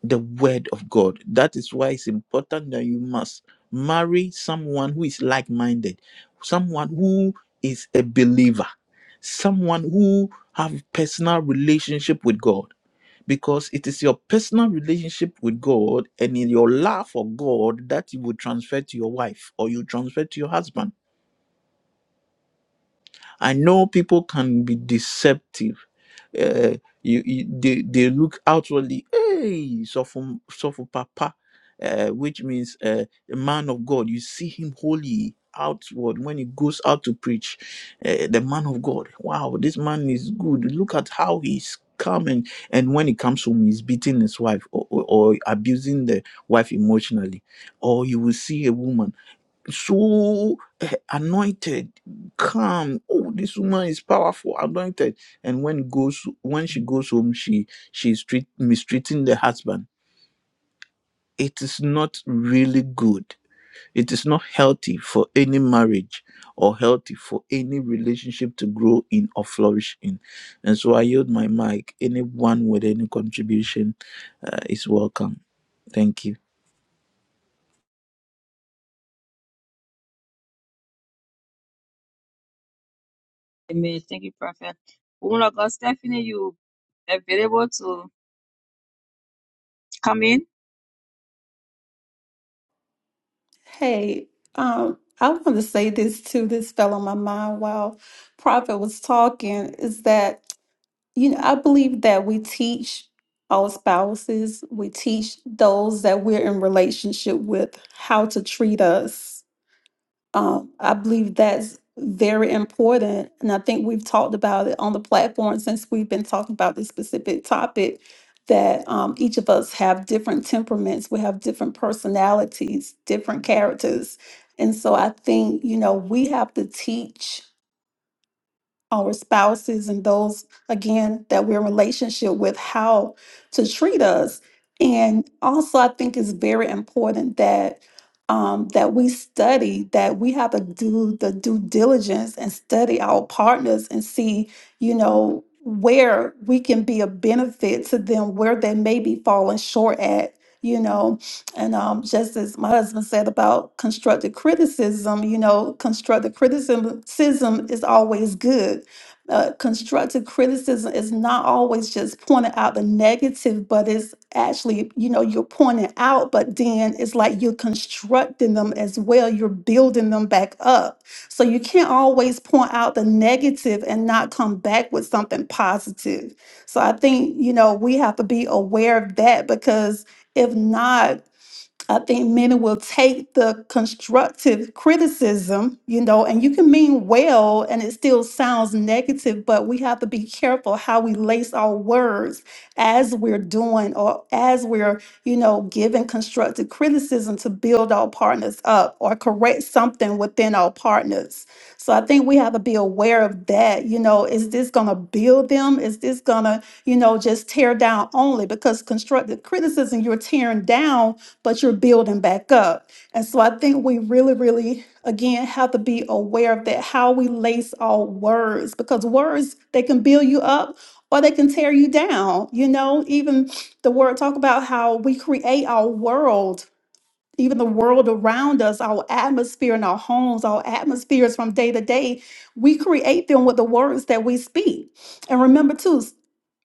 S2: the word of God. That is why it's important that you must marry someone who is like minded, someone who is a believer, someone who have personal relationship with God. Because it is your personal relationship with God and in your love for God that you will transfer to your wife or you transfer to your husband. I know people can be deceptive. Uh, you, you they, they look outwardly, hey, suffer, suffer papa, uh, which means uh, a man of God. You see him holy outward when he goes out to preach. Uh, the man of God, wow, this man is good. Look at how he's calm and, and when he comes home, he's beating his wife or, or or abusing the wife emotionally. Or you will see a woman so eh, anointed, calm. Oh, this woman is powerful, anointed. And when goes when she goes home, she she's treat, mistreating the husband. It is not really good. It is not healthy for any marriage or healthy for any relationship to grow in or flourish in. And so I yield my mic. Anyone with any contribution uh, is welcome. Thank you.
S1: Amen. Thank you, Prophet. Woman of God, Stephanie, you available to come in?
S3: Hey, um, I want to say this too. This fell on my mind while Prophet was talking. Is that you know I believe that we teach our spouses, we teach those that we're in relationship with how to treat us Um, I believe that's very important. And I think we've talked about it on the platform since we've been talking about this specific topic that um, each of us have different temperaments, we have different personalities, different characters. And so I think, you know, we have to teach our spouses and those again that we're in relationship with how to treat us and also i think it's very important that um, that we study that we have to do the due diligence and study our partners and see you know where we can be a benefit to them where they may be falling short at you know and um, just as my husband said about constructive criticism, you know, constructive criticism criticism is always good. Uh, constructive criticism is not always just pointing out the negative, but it's actually, you know, you're pointing out, but then it's like you're constructing them as well. You're building them back up. So you can't always point out the negative and not come back with something positive. So I think, you know, we have to be aware of that because if not, I think many will take the constructive criticism, you know, and you can mean well and it still sounds negative, but we have to be careful how we lace our words as we're doing or as we're, you know, giving constructive criticism to build our partners up or correct something within our partners. So I think we have to be aware of that. You know, is this going to build them? Is this going to, you know, just tear down only? Because constructive criticism, you're tearing down but you're building back up. And so I think we really, really, again, have to be aware of that, how we lace our words, because words, they can build you up or they can tear you down. You know, even the word talk about how we create our world even the world around us, our atmosphere in our homes, our atmospheres from day to day, we create them with the words that we speak. And remember, too, s-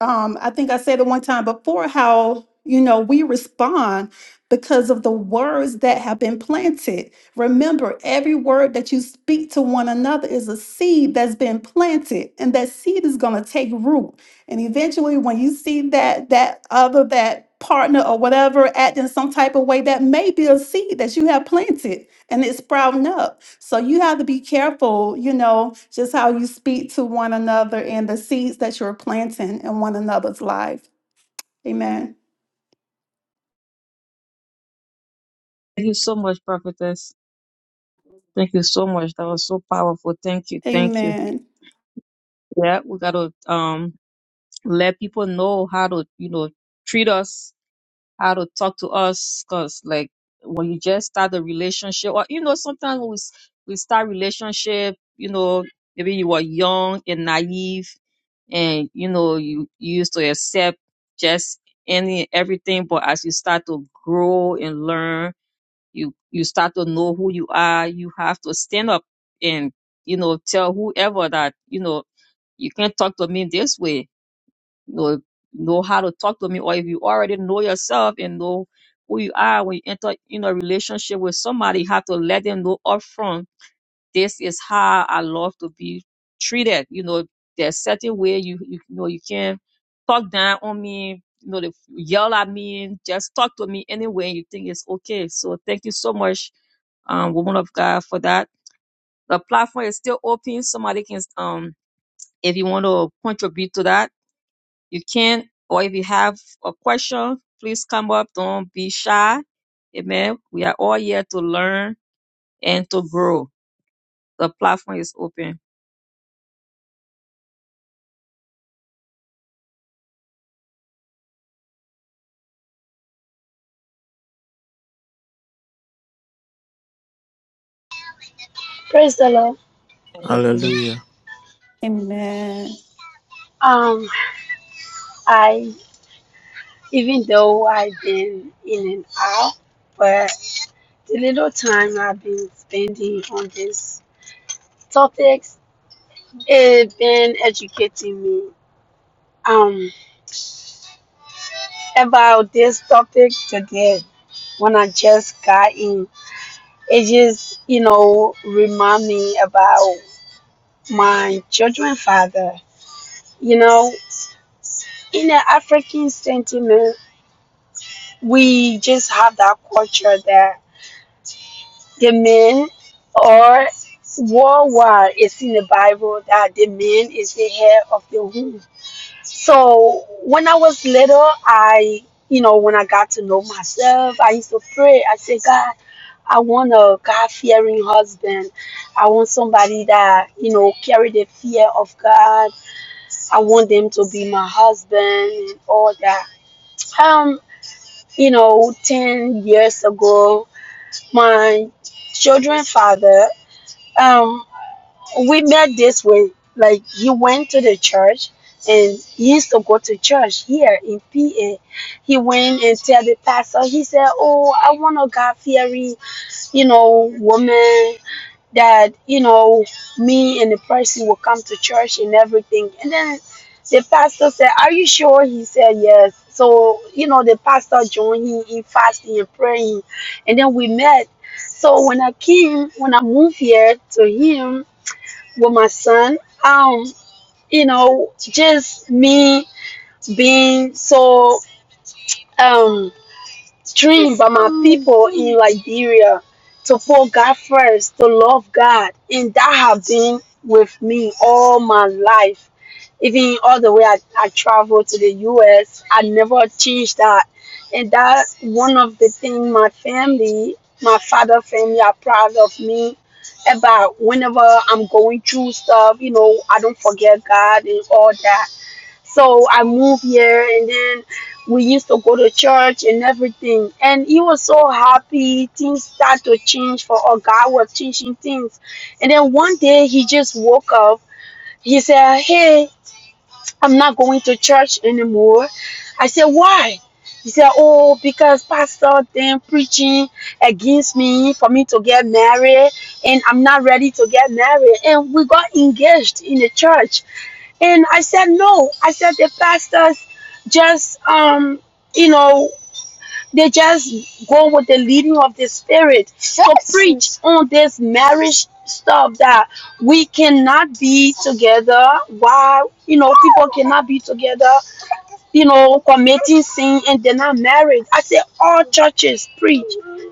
S3: um, I think I said it one time before how, you know, we respond because of the words that have been planted. Remember, every word that you speak to one another is a seed that's been planted, and that seed is going to take root. And eventually, when you see that that other that partner or whatever acting some type of way, that may be a seed that you have planted and it's sprouting up. So you have to be careful, you know, just how you speak to one another and the seeds that you're planting in one another's life. Amen.
S1: Thank you so much, Prophetess. Thank you so much. That was so powerful. Thank you. Thank you.
S3: Amen.
S1: Yeah, we gotta um let people know how to, you know, treat us how to talk to us because like when you just start a relationship or you know sometimes when we, s- we start relationship you know maybe you were young and naive and you know you, you used to accept just any everything but as you start to grow and learn you you start to know who you are you have to stand up and you know tell whoever that you know you can't talk to me this way know, know how to talk to me, or if you already know yourself and know who you are when you enter in a relationship with somebody, you have to let them know upfront, this is how I love to be treated. You know, there's certain way you you, know you can't talk down on me, you know, they yell at me, just talk to me anyway you think it's okay. So thank you so much, um, woman of God for that. The platform is still open. Somebody can um if you want to contribute to that you can, or if you have a question, please come up. Don't be shy. Amen. We are all here to learn and to grow. The platform is open.
S5: Praise the Lord.
S1: Amen.
S2: Hallelujah.
S3: Amen.
S5: Um, I even though I've been in and out, but the little time I've been spending on these topics, it's been educating me um about this topic today. When I just got in, it just you know remind me about my children father. You know, in the African sentiment, we just have that culture there The men are worldwide. It's in the Bible that the man is the head of the home. So when I was little, I, you know, when I got to know myself, I used to pray. I said, God, I want a God fearing husband. I want somebody that, you know, carry the fear of God. I want them to be my husband and all that. Um, you know, 10 years ago, my children father um we met this way like he went to the church and he used to go to church here in PA. He went and tell the pastor, he said, Oh, I want a God fearing, you know, woman that, you know, me and the person will come to church and everything. And then the pastor said, Are you sure? He said, Yes. So, you know, the pastor joined him in fasting and praying. And then we met. So when I came, when I moved here to him, with my son. Um, you know, just me being so um dream by my people in Liberia to put God first, to love God, and that have been with me all my life. Even all the way I, I traveled to the U.S., I never changed that, and that one of the things my family, my father family, are proud of me about whenever I'm going through stuff, you know, I don't forget God and all that. So I moved here and then we used to go to church and everything. And he was so happy. Things start to change for our God was changing things. And then one day he just woke up. He said, Hey, I'm not going to church anymore. I said, Why? He said, Oh, because Pastor then preaching against me for me to get married and I'm not ready to get married. And we got engaged in the church and I said, no. I said, the pastors just, um, you know, they just go with the leading of the spirit. Yes. So preach on this marriage stuff that we cannot be together. Why, you know, people cannot be together you know, committing sin and they're not married. I said, all churches preach.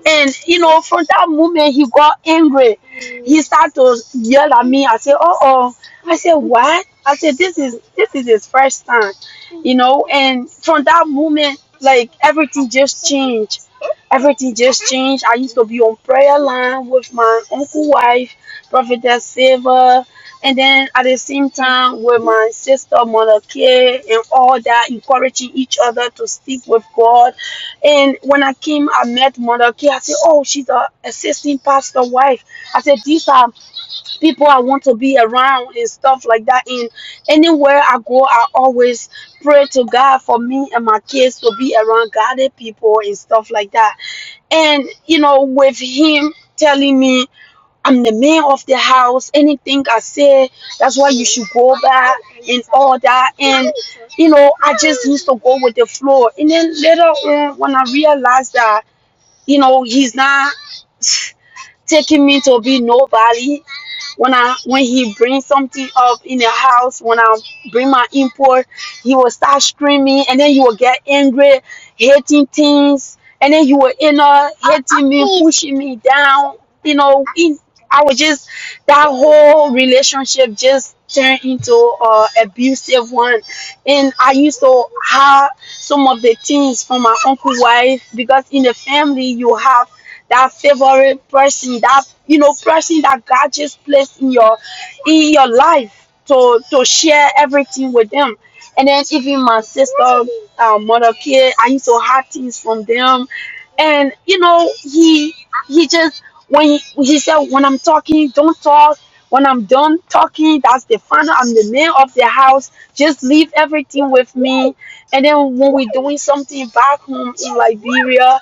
S5: And, you know, from that moment, he got angry. He started to yell at me. I said, oh, oh. I said, what? I said, this is, this is his first time, you know, and from that moment, like everything just changed. Everything just changed. I used to be on prayer line with my uncle wife, Prophetess Silva, and then at the same time, with my sister Mother K, and all that, encouraging each other to stick with God. And when I came, I met Mother K. I said, Oh, she's a assistant pastor wife. I said, These are people I want to be around and stuff like that. And anywhere I go, I always pray to God for me and my kids to be around godly people and stuff like that. And you know, with him telling me I'm the man of the house. Anything I say, that's why you should go back and all that. And you know, I just used to go with the flow. And then later on, when I realized that, you know, he's not taking me to be nobody, when I when he brings something up in the house, when I bring my import, he will start screaming and then he will get angry, hating things, and then he will end up hating me, pushing me down. You know, it, I was just that whole relationship just turned into a abusive one, and I used to have some of the things from my uncle's wife because in the family you have that favorite person, that you know, person that God just placed in your in your life to to share everything with them. And then even my sister, uh, mother kid, I used to have things from them, and you know, he he just when he, he said when I'm talking, don't talk. When I'm done talking, that's the final. I'm the man of the house. Just leave everything with me. And then when we're doing something back home in Liberia,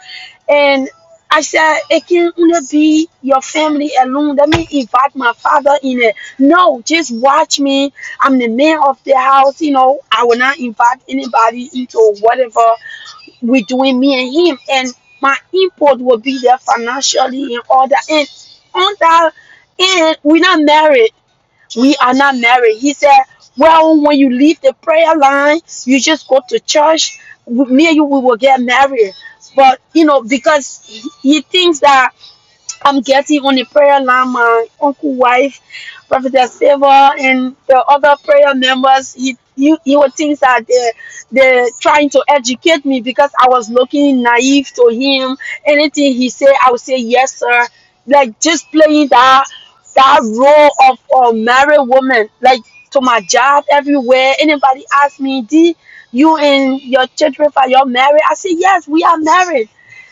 S5: and I said, it can only be your family alone. Let me invite my father in it. No, just watch me. I'm the man of the house. You know, I will not invite anybody into whatever we're doing, me and him. And my input will be there financially and all that. And on that end, we're not married. We are not married. He said, Well, when you leave the prayer line, you just go to church. Me and you, we will get married. But, you know, because he thinks that I'm getting on the prayer line, my uncle, wife, Prophetess Favor, and the other prayer members. You, you, you would think that they, they're trying to educate me because I was looking naive to him. Anything he said, I would say yes, sir. Like just playing that that role of a married woman, like to my job everywhere. Anybody ask me, D, you and your children for your married? I say yes, we are married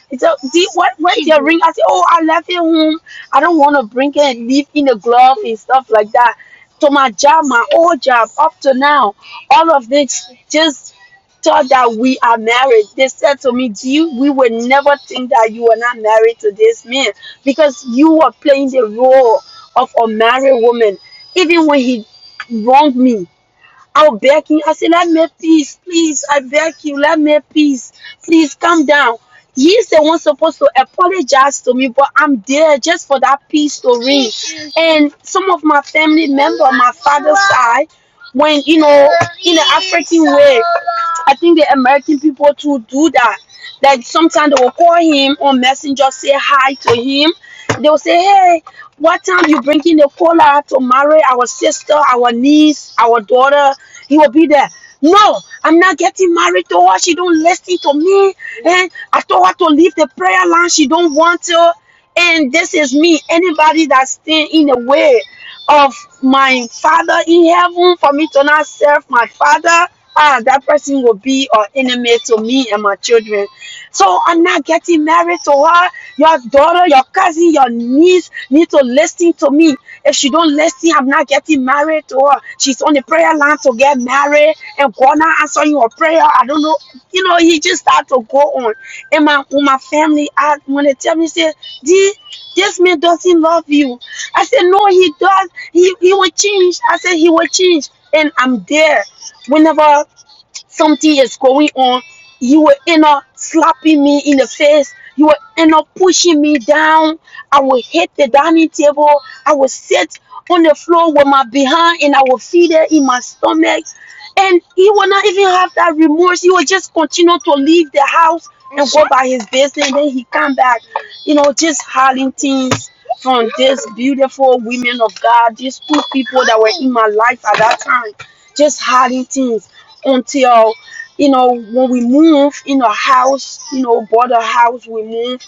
S5: he said, "Dee, what, where's your ring? I said, oh, I left it home. I don't want to bring it and leave in the glove and stuff like that. So my job, my old job, up to now, all of this just thought that we are married. They said to me, Do you we would never think that you are not married to this man because you are playing the role of a married woman. Even when he wronged me, I'll beg you. I say, let me peace, please. I beg you, let me peace. Please calm down. He's the one supposed to apologize to me, but I'm there just for that peace to ring. And some of my family member, on my father's side, when you know, in the African way, I think the American people too do that. Like sometimes they will call him on messenger, say hi to him, they will say, "Hey, what time you bringing the caller to marry our sister, our niece, our daughter?" He will be there. No, I'm not getting married to her. She don't listen to me, and I told her to leave the prayer line. She don't want to, and this is me. Anybody that stand in the way of my father in heaven for me to not serve my father ah that person will be an enemy to me and my children so i'm not getting married to her your daughter your cousin your niece need to listen to me if she don't listen i'm not getting married to her she is on the prayer line to get married and God not answering your prayer. I don't know. You know, he just start to go on. And my when my family asked when they tell me say, D, this man doesn't love you. I said, No, he does. He he will change. I said he will change. And I'm there. Whenever something is going on, you will end up slapping me in the face. You will end up pushing me down. I will hit the dining table. I will sit on the floor with my behind and I will feel it in my stomach. And he will not even have that remorse. He will just continue to leave the house and go by his business. And then he come back, you know, just hiding things from these beautiful women of God, these two people that were in my life at that time, just hiding things until you know when we move in a house, you know, bought a house, we move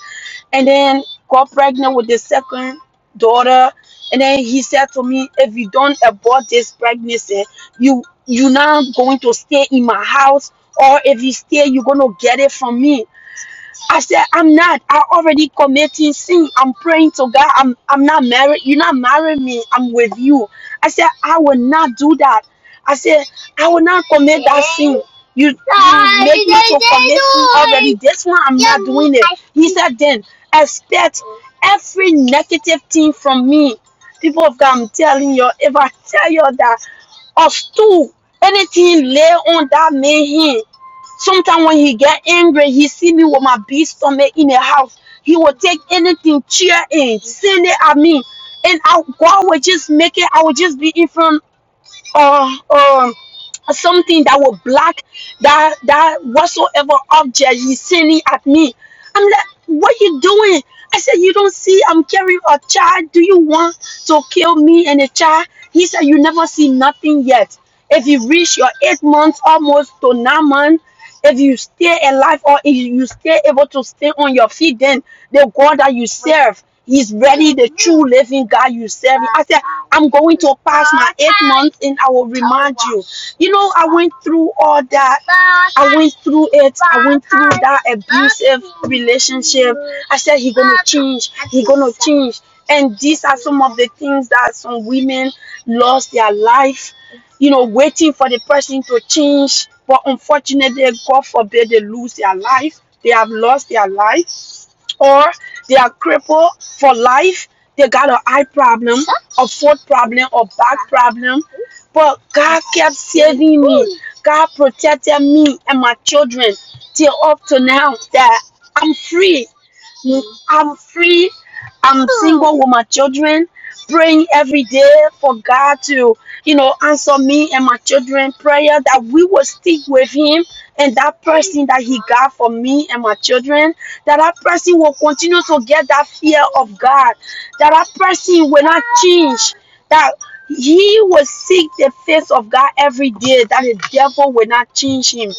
S5: and then got pregnant with the second daughter. And then he said to me, if you don't abort this pregnancy, you you're not going to stay in my house. Or if you stay, you're gonna get it from me. I said, I'm not. I already committing sin. I'm praying to God. I'm I'm not married. You're not marrying me. I'm with you. I said, I will not do that. I said, I will not commit that sin. You, you make me to commit sin already. This one I'm not doing it. He said, then expect every negative thing from me. People of God, I'm telling you, if I tell you that us two, anything lay on that man hand. Sometimes when he get angry, he see me with my big stomach in the house. He will take anything, cheer and send it at me, and I God will just make it. I will just be in front, uh, uh, something that will block that that whatsoever object he's sending at me. I'm like, what you doing? I said, you don't see I'm carrying a child. Do you want to kill me and a child? He said, you never see nothing yet. If you reach your eight months almost to nine months. If you stay alive or if you stay able to stay on your feet, then the God that you serve, He's really the true living God you serve. I said, I'm going to pass my eight months and I will remind you. You know, I went through all that. I went through it. I went through that abusive relationship. I said, He gonna change. He gonna change. And these are some of the things that some women lost their life you know, waiting for the person to change. But unfortunately, God forbid they lose their life. They have lost their life, or they are crippled for life. They got an eye problem, a foot problem, or back problem. But God kept saving me. God protected me and my children till up to now that I'm free. I'm free I'm single with my children, praying every day for God to, you know, answer me and my children prayer that we will stick with Him and that person that He got for me and my children. That that person will continue to get that fear of God. That that person will not change. That he will seek the face of God every day. That the devil will not change him,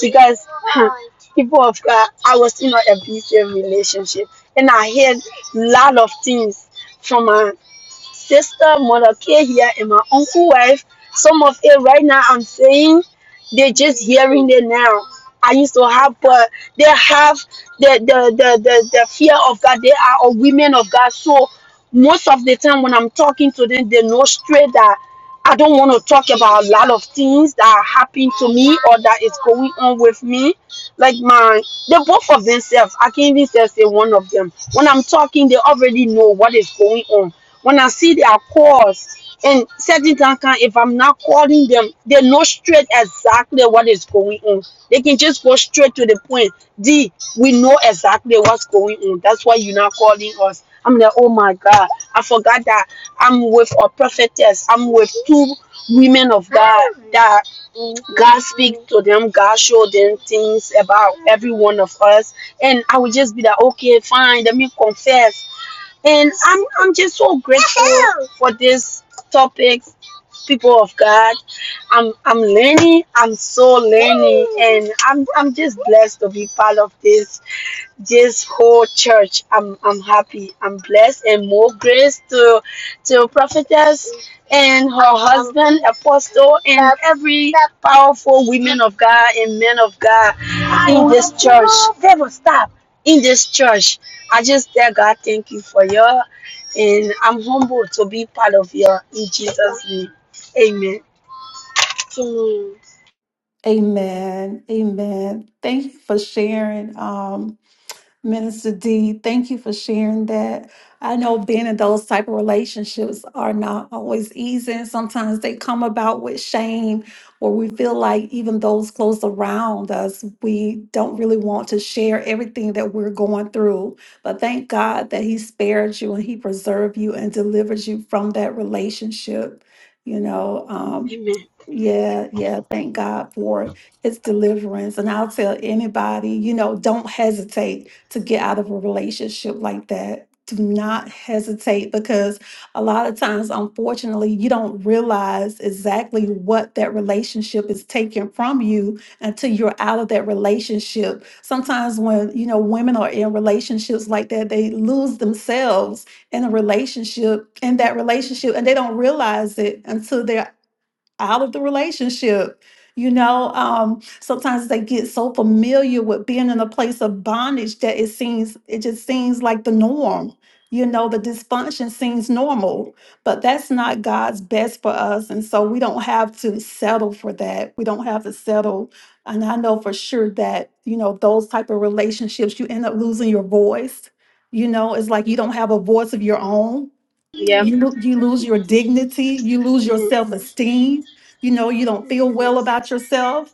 S5: because huh, people of God, I was in an abusive relationship, and I heard a lot of things from my sister, mother, care here, and my uncle wife. Some of it right now, I'm saying they're just hearing it now. I used to have, but they have the the the the, the fear of God. They are a women of God, so most of the time when I'm talking to them, they know straight that I don't want to talk about a lot of things that happened to me or that is going on with me like my, they both of themselves. I can't even say one of them. When I'm talking, they already know what is going on. When I see their calls and certain time, can- if I'm not calling them, they know straight exactly what is going on. They can just go straight to the point. D, we know exactly what's going on. That's why you're not calling us. I'm like, oh my God, I forgot that I'm with a prophetess. I'm with two women of God that God speak to them. God show them things about every one of us. And I would just be like, okay, fine. Let me confess. And I'm I'm just so grateful for this topic, people of God. I'm I'm learning. I'm so learning, and I'm I'm just blessed to be part of this this whole church. I'm I'm happy. I'm blessed and more grace to to prophetess and her husband, apostle, and every powerful women of God and men of God in this church. Never stop in this church. I just tell God thank you for your and I'm humbled to be part of you in Jesus' name. Amen. Amen.
S3: Amen. Amen. Thank you for sharing. Um, Minister D, thank you for sharing that. I know being in those type of relationships are not always easy, and sometimes they come about with shame, or we feel like even those close around us, we don't really want to share everything that we're going through. But thank God that He spared you and He preserved you and delivered you from that relationship. You know, um,
S5: Amen.
S3: yeah, yeah. Thank God for His deliverance, and I'll tell anybody, you know, don't hesitate to get out of a relationship like that. Do not hesitate because a lot of times, unfortunately, you don't realize exactly what that relationship is taking from you until you're out of that relationship. Sometimes, when you know women are in relationships like that, they lose themselves in a relationship in that relationship and they don't realize it until they're out of the relationship. You know, um, sometimes they get so familiar with being in a place of bondage that it seems, it just seems like the norm. You know, the dysfunction seems normal, but that's not God's best for us. And so we don't have to settle for that. We don't have to settle. And I know for sure that, you know, those type of relationships, you end up losing your voice. You know, it's like you don't have a voice of your own
S5: Yep.
S3: you lo- you lose your dignity you lose your
S5: Mm,
S3: self-esteem you know you don't feel well
S5: yes.
S3: about yourself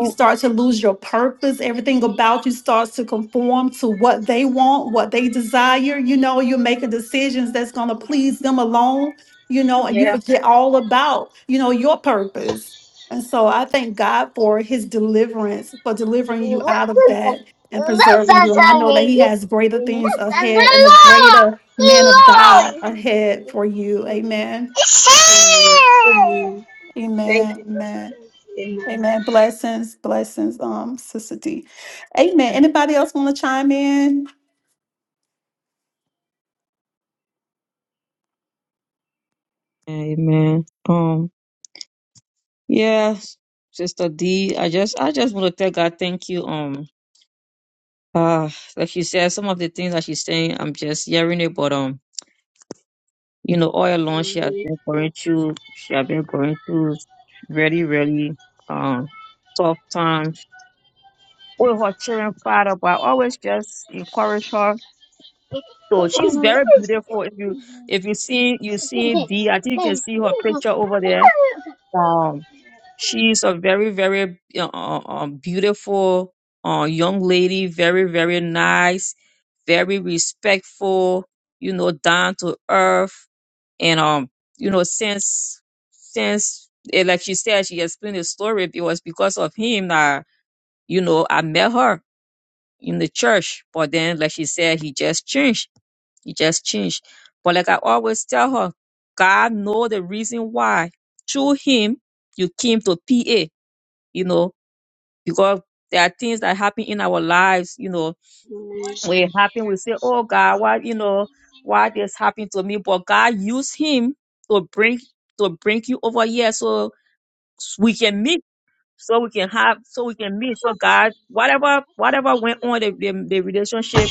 S3: you start to lose your purpose. Everything about you starts to conform to what they want, what they desire. You know, you're making decisions that's going to please them alone, you know, and you
S5: Yeah.
S3: forget all about, you know, your purpose. And so I thank God for his deliverance, for delivering you out of that and preserving you. And I know that he has greater things ahead and a greater man of God ahead for you. Amen.
S5: Amen. Amen. Thank
S3: Amen.
S5: you, Pastor
S3: Amen.
S5: Chris. Amen.
S3: Amen. Blessings, blessings, um, Sister D. Amen. Anybody else want to chime in?
S1: Amen. Um, yes, Sister D, I just I just want to tell God thank you. Um ah, like she said, some of the things that she's saying, I'm just hearing it, but um, you know, all along she has
S5: Amen.
S1: been going through she has been going through really, really um tough time with her children father, but I always just encourage her. So she's very beautiful. If you if you see you see D, I think you can see her picture over there. Um, she's a very very uh, uh, um, beautiful uh, young lady. Very very nice. Very respectful. You know, down to earth. And um, you know, since since eh, like she said, she explained the story. It was because of him that you know I met her in the church. But then, like she said, he just changed. He just changed. But like I always tell her, God know the reason why through him you came to PA, you know, because there are things that happen in our lives, you know. When it happen, we say, Oh God, why, you know, why this happened to me? But God used him to bring to bring you over here so we can meet so we can have so we can meet so god whatever whatever went on the, the, the relationship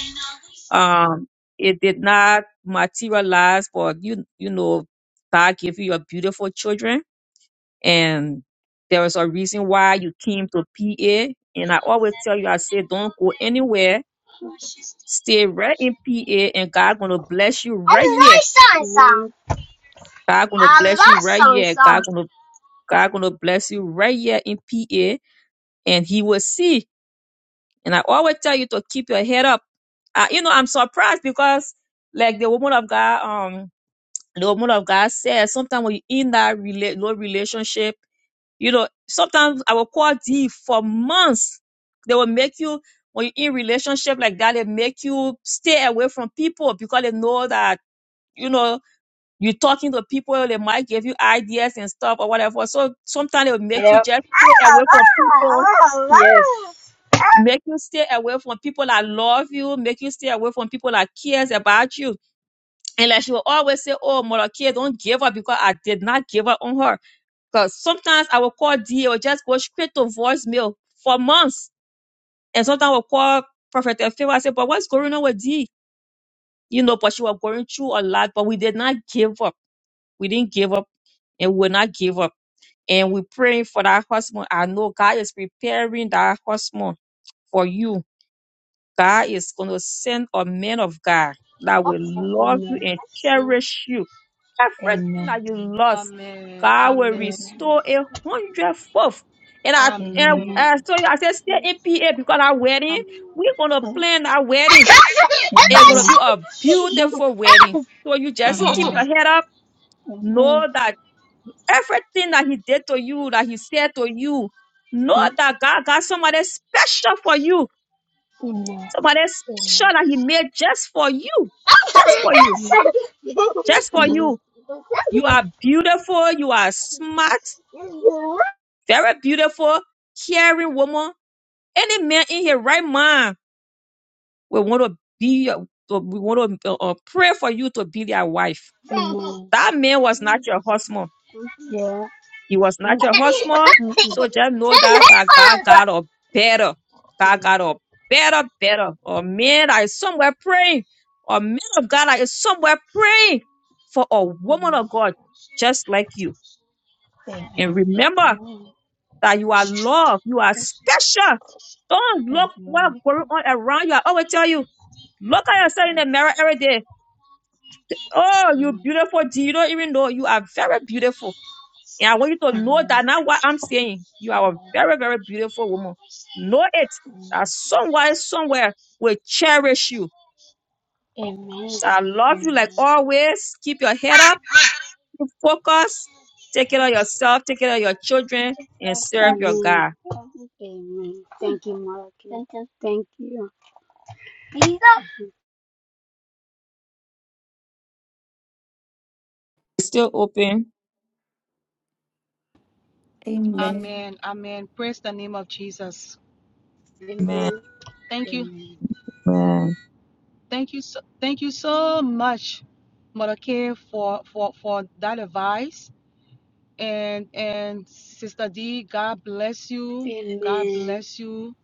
S1: Um, it did not materialize, but you you know, God gave you your beautiful children, and there was a reason why you came to PA. And I always tell you, I say, don't go anywhere. Stay right in PA, and God gonna bless you right
S5: I
S1: here. God gonna bless you right here. God gonna God gonna bless you right here in PA, and He will see. And I always tell you to keep your head up. Uh, you know, I'm surprised because like the woman of God, um. the woman of God said, sometimes when you are in that rela- low relationship, you know, sometimes I will call D for months. They will make you, when you are in relationship like that, they make you stay away from people because they know that, you know, you are talking to people, they might give you ideas and stuff or whatever. So sometimes they will make you
S5: Amen.
S1: just stay away from people,
S5: oh, Yes.
S1: make you stay away from people that love you, make you stay away from people that cares about you. And like she will always say, Oh, Mother Kay, don't give up because I did not give up on her Because sometimes I will call D or just go straight to voicemail for months. And sometimes I will call Prophet Favor and say, But what's going on with D? You know, but she was going through a lot, but we did not give up. We didn't give up and we will not give up. And we're praying for that husband. I know God is preparing that husband for you. God is going to send a man of God that will love you
S5: Amen.
S1: and cherish you everything that
S5: Amen.
S1: you lost,
S6: Amen.
S1: God will
S6: Amen.
S1: restore a hundredfold. And I and
S5: Amen.
S6: Amen.
S1: I told you, I said, stay in PA because our wedding,
S6: Amen.
S1: we're gonna plan our wedding. It's
S6: Mm.
S1: gonna be a beautiful wedding. So you just keep
S6: Amen.
S1: your head up, know that everything that he did to you, that he said to you, know that God got somebody special for you, somebody special that he made just for you, just for you, just for you. You are beautiful, you are smart, very beautiful, caring woman. Any man in his right mind will want to be, your- to- we want to uh, uh, pray for you to be their wife.
S5: Amen.
S1: That man was not your husband.
S5: Yeah.
S1: He was not your husband. So just know that that God got a better, God got a better, better. A man that is somewhere praying, a man of God that is somewhere praying for a woman of God just like you.
S5: Amen.
S1: And remember. that you are loved, you are special. Don't look what's going on around you. I always tell you, look at yourself in the mirror every day. Oh, you beautiful. Do you don't even know you are very beautiful? And I want you to know that now. what I'm saying. You are a very, very beautiful woman. Know it that someone somewhere will cherish you. So I love you like always. Keep your head up, keep focus, take care of yourself, take care of your children, and serve your
S5: Amen.
S1: God.
S5: Amen. Thank you, Malachi. Thank you.
S1: It's still open.
S3: Amen.
S6: Amen. Amen. Praise the name of Jesus.
S5: Amen.
S1: Amen.
S5: Amen.
S6: Thank you.
S5: Amen.
S6: Thank you so thank you so much, Mother K, for for for that advice. And and Sister D, God bless you. God
S5: Amen.
S6: bless you.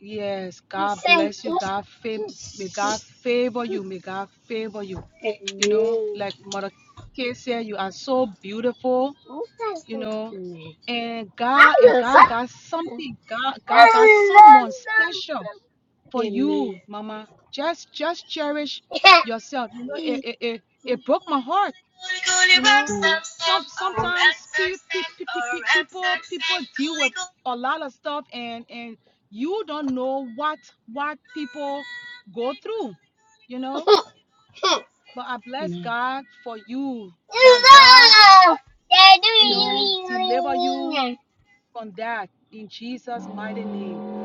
S6: Yes, God bless you. God favor may God favor you. May God favor you.
S5: Amen.
S6: You know,
S5: Amen.
S6: like Mother K said, you are so beautiful, you know and God and God got something. God God got someone special for you, Mama. Just just cherish yourself. You know, it it, it, it broke my heart. You know, some sometimes pe- pe- pe- pe- pe- people people deal with
S5: Amen.
S6: a lot of stuff, and and you don't know what what people go through. You know, but I bless
S5: Amen.
S6: God for you that God you know deliver you on that in Jesus' mighty name.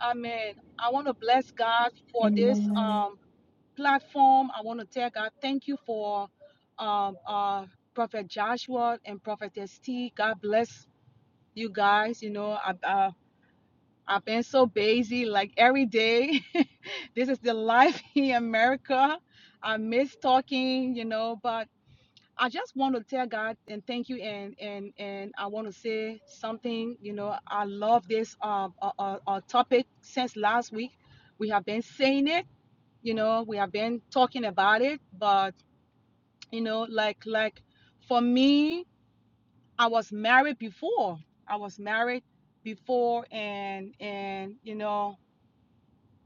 S6: Amen. I want to bless God for this
S3: Amen.
S6: um, platform. I want to tell God thank you for um, uh, Prophet Joshua and Prophetess T. God bless you guys. You know, I, I, I've been so busy like every day. this is the life in America. I miss talking, you know, but I just want to tell God and thank you and and and I want to say something. You know, I love this uh, uh, uh, uh, topic since last week. We have been saying it. You know, we have been talking about it. But you know, like like for me, I was married before. I was married before, and and you know,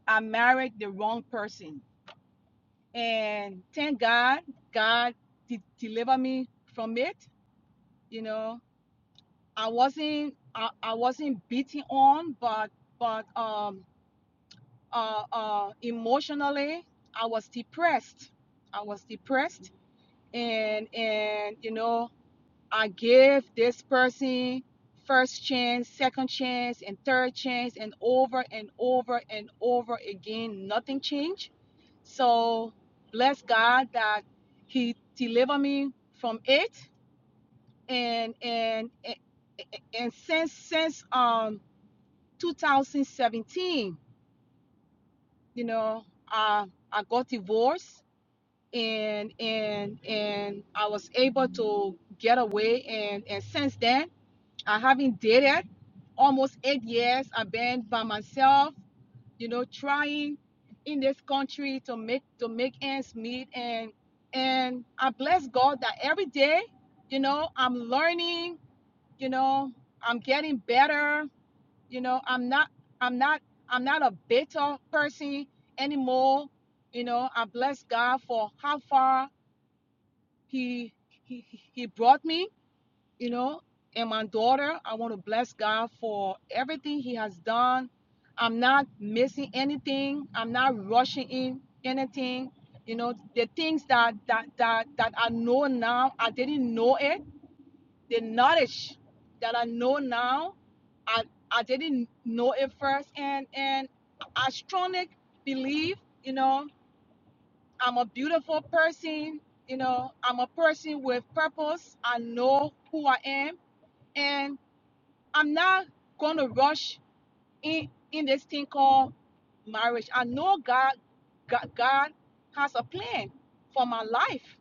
S6: I married the wrong person. And thank God, God de- delivered me from it. You know, I wasn't I, I wasn't beaten on, but but um uh uh emotionally I was depressed. I was depressed and and you know I gave this person first chance, second chance, and third chance, and over and over and over again, nothing changed. So bless God that He delivered me from it, and and and, and since since um 2017 you know i i got divorced and and and i was able to get away and and since then i haven't dated almost eight years i've been by myself you know trying in this country to make to make ends meet and and i bless god that every day you know i'm learning you know i'm getting better you know i'm not i'm not i'm not a bitter person anymore you know i bless god for how far he he he brought me you know and my daughter i want to bless god for everything he has done i'm not missing anything i'm not rushing in anything you know the things that that that that i know now i didn't know it the knowledge that I know now, I, I didn't know it first. And, and I strongly believe, you know, I'm a beautiful person. You know, I'm a person with purpose. I know who I am. And I'm not going to rush in, in this thing called marriage. I know God, God, God has a plan for my life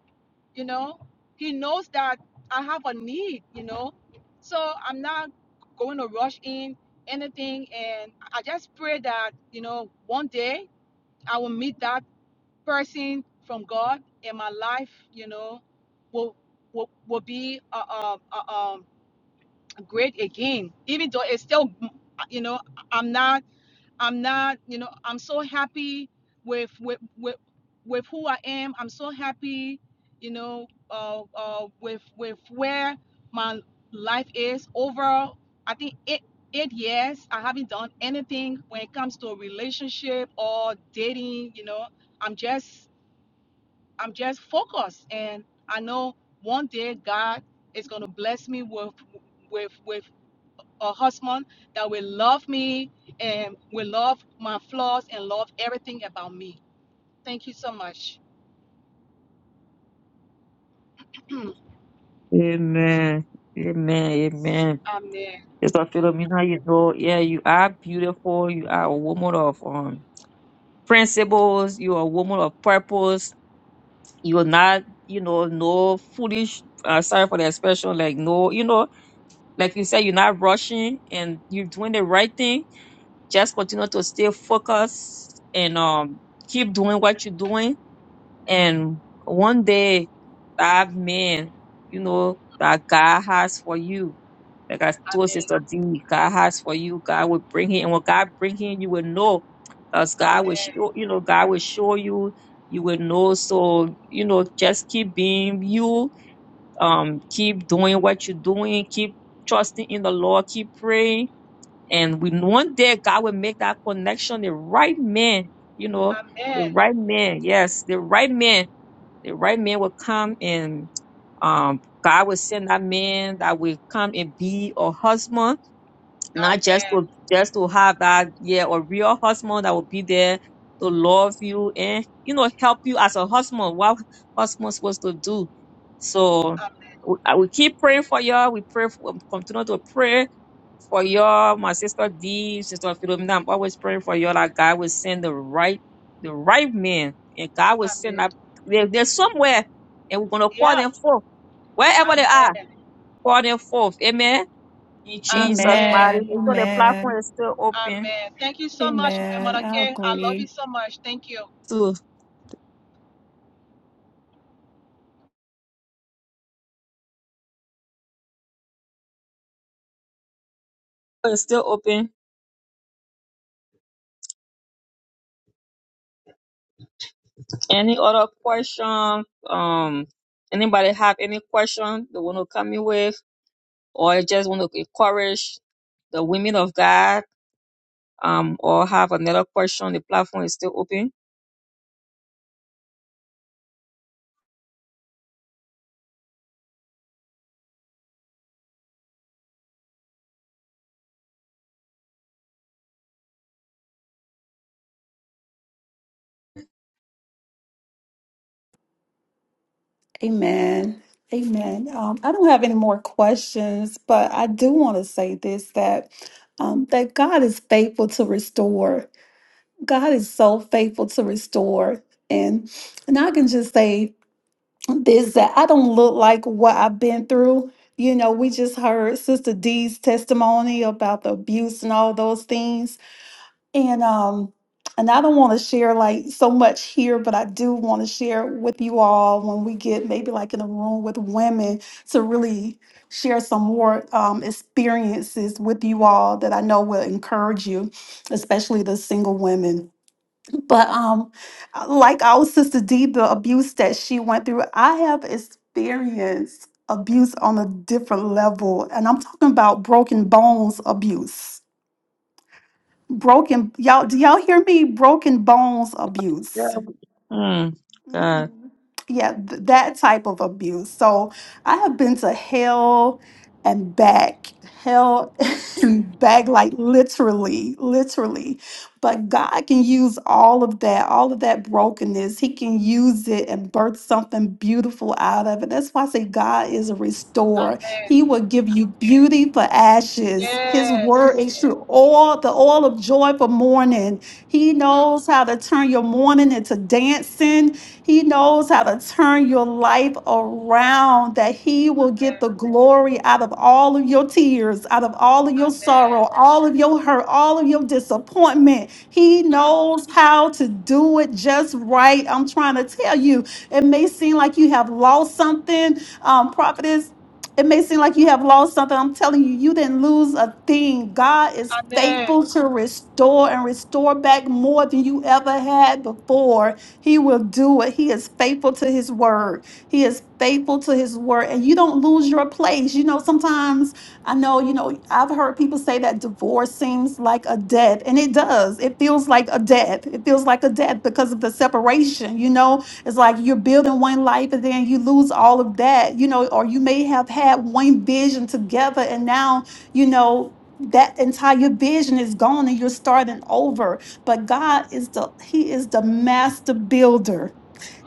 S6: you know he knows that i have a need you know so i'm not going to rush in anything and i just pray that you know one day i will meet that person from god and my life you know will will, will be uh, uh, uh, um, great again even though it's still you know i'm not I'm not, you know, I'm so happy with with with, with who I am. I'm so happy, you know, uh, uh, with with where my life is. Over, I think eight eight years, I haven't done anything when it comes to a relationship or dating. You know, I'm just I'm just focused, and I know one day God is gonna bless me with with with a husband that will love me and will love my flaws and love everything about me. Thank you so much. Amen.
S1: Amen. Amen. Amen.
S6: Amen.
S1: Sister Philomena, you know, yeah, you are beautiful. You are a woman of um principles. You are a woman of purpose. You're not, you know, no foolish. Uh, sorry for the expression. Like no, you know, like you said, you're not rushing and you're doing the right thing. Just continue to stay focused and um keep doing what you're doing. And one day, that man, you know, that God has for you Like I told Sister D, God has for you. God will bring it. And when God bring it, you will know. Because God will
S6: Amen.
S1: show, you know, God will show you. You will know. So, you know, just keep being you. Um, keep doing what you're doing. Keep trusting in the Lord. Keep praying. And we one day God will make that connection. The right man, you know, the
S6: Amen.
S1: right man. Yes, the right man. The right man will come and um God will send that man that will come and be a husband not just
S6: Amen.
S1: to just to have that yeah a real husband that will be there to love you and you know help you as a husband what husband supposed to do so
S6: Amen.
S1: we, I will keep praying for y'all we pray for, continue to pray for y'all my sister D sister Philomena I'm always praying for y'all like God will send the right the right man and God will send
S6: Amen.
S1: that they, they're somewhere and we're gonna call
S6: Yeah.
S1: them forth wherever they are
S6: Amen.
S1: call them forth amen in Jesus' mighty
S6: Amen.
S3: Amen.
S1: name. So the platform
S3: Amen.
S1: is still open.
S6: Amen. Thank you so much, uh,
S3: Amen.
S6: Mother
S3: I
S6: Kay. I love you
S3: agree.
S6: so much. Thank you.
S1: To it's still open. Any other question? Um, anybody have any question they want to come in with, or just want to encourage the women of God? Um, or have another question? The platform is still open.
S3: Amen. Amen. Um, I don't have any more questions, but I do want to say this that um that God is faithful to restore. God is so faithful to restore. And and I can just say this that I don't look like what I've been through. You know, we just heard Sister D's testimony about the abuse and all those things. And um and I don't want to share like so much here, but I do want to share with you all when we get maybe like in a room with women to really share some more um, experiences with you all that I know will encourage you, especially the single women. But um, like our sister D, the abuse that she went through, I have experienced abuse on a different level, and I'm talking about broken bones abuse. Broken, y'all, do y'all hear me? Broken bones abuse
S1: Yeah. Hmm.
S3: hmm
S1: God.
S3: Yeah, th- that type of abuse. So I have been to hell and back, hell and back, like literally, literally. But God can use all of that, all of that brokenness. He can use it and birth something beautiful out of it. That's why I say God is a restorer.
S6: Amen.
S3: He will give you beauty for ashes. His word
S6: Yes.
S3: is true.
S6: Yes.
S3: All the oil of joy for mourning. He
S6: Mm.
S3: knows how to turn your mourning into dancing. He knows how to turn your life around, that He will get
S6: Amen.
S3: the glory out of all of your tears, out of all of your
S6: Amen.
S3: sorrow, all of your hurt, all of your disappointment. He
S6: Mm.
S3: knows how to do it just right. I'm trying to tell you, it may seem like you have lost something, um, prophetess. It may seem like you have lost something. I'm telling you, you didn't lose a thing. God is
S6: Amen.
S3: faithful to restore and restore back more than you ever had before. He will do it. He is faithful to his word. He is faithful to his word. And you don't lose your place. You know, sometimes I know, you know, I've heard people say that divorce seems like a death, and it does. It feels like a death. It feels like a death because of the separation. You know, it's like you're building one life and then you lose all of that, you know, or you may have had one vision together and now, you know, that entire vision is gone and you're starting over. But God is the He is the master builder.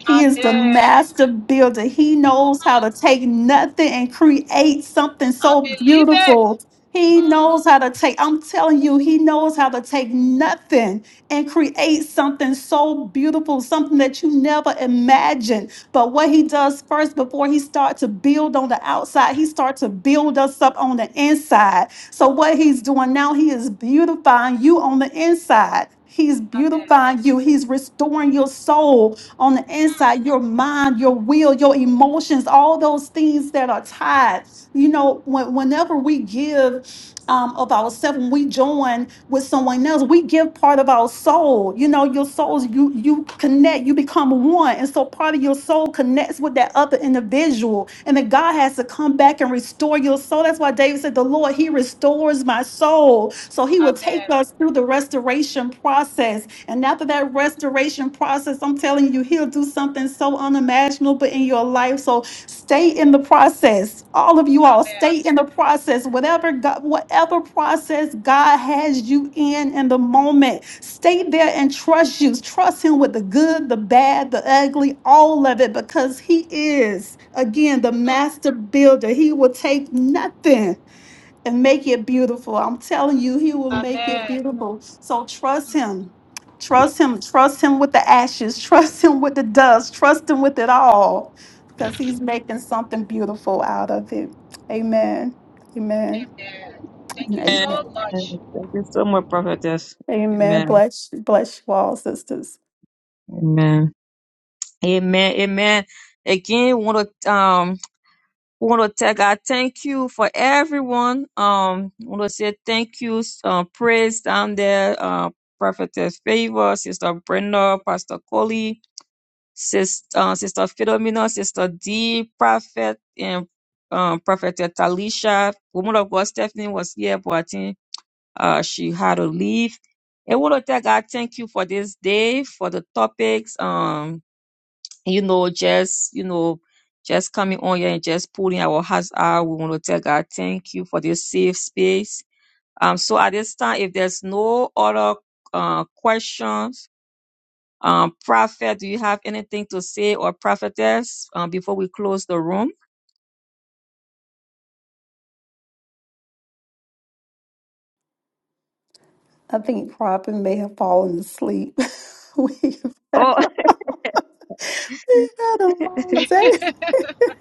S3: He is the
S6: Amen.
S3: master builder. He knows how to take nothing and create something
S6: I
S3: so
S6: believe it.
S3: beautiful. He
S6: Mm.
S3: knows how to take, I'm telling you, he knows how to take nothing and create something so beautiful, something that you never imagined. But what he does first, before he starts to build on the outside, he starts to build us up on the inside. So what he's doing now, he is beautifying you on the inside. He's
S6: Amen.
S3: beautifying you. He's restoring your soul on the inside, your mind, your will, your emotions, all those things that are tied. You know, when, whenever we give um, of ourselves, when we join with someone else, we give part of our soul. You know, your souls, you you connect, you become one. And so part of your soul connects with that other individual. And then God has to come back and restore your soul. That's why David said, The Lord, He restores my soul. So He will take
S6: Amen.
S3: us through the restoration process. And after that restoration process, I'm telling telling you, He'll do something so unimaginable in your life. So stay in the process. All of you all,
S6: Amen.
S3: stay in the process. Whatever God, whatever process God has you in in the moment, stay there and trust you. Trust Him with the good, the bad, the ugly, all of it, because He is again the
S6: Mm.
S3: master builder. He will take nothing and make it beautiful. I'm telling you, he will make it
S6: Amen.
S3: beautiful. So trust
S6: Mm.
S3: him. Trust him. Trust him with the ashes. Trust him with the dust. Trust him with it all because he's making something beautiful out of it. Amen. Amen.
S6: Amen. Thank
S3: And
S6: you
S1: Amen.
S6: so
S3: amen.
S6: much.
S1: Thank you so much, prophetess.
S3: Amen.
S1: Amen.
S3: Bless, bless you all, sisters.
S1: Amen. Amen. Amen. Again, want to um We want to tell God thank you for everyone. Um, we want to say thank you, uh, praise down there, uh, Prophetess Favor, Sister Brenda, Pastor Coley, Sister, uh, Sister Philomena, Sister D, Prophet, and um, Prophet Talisha. Woman of God, Stephanie was here, but I think uh, she had to leave. I want to tell God thank you for this day, for the topics. Um, you know, just, you know, just coming on here and just pulling our hearts out. We want to tell God, thank you for this safe space. Um, so at this time, if there's no other uh, questions, um, Prophet, do you have anything to say or prophetess um, before we close the room?
S3: I think Robin may have fallen asleep. We've
S1: Oh,
S3: had a long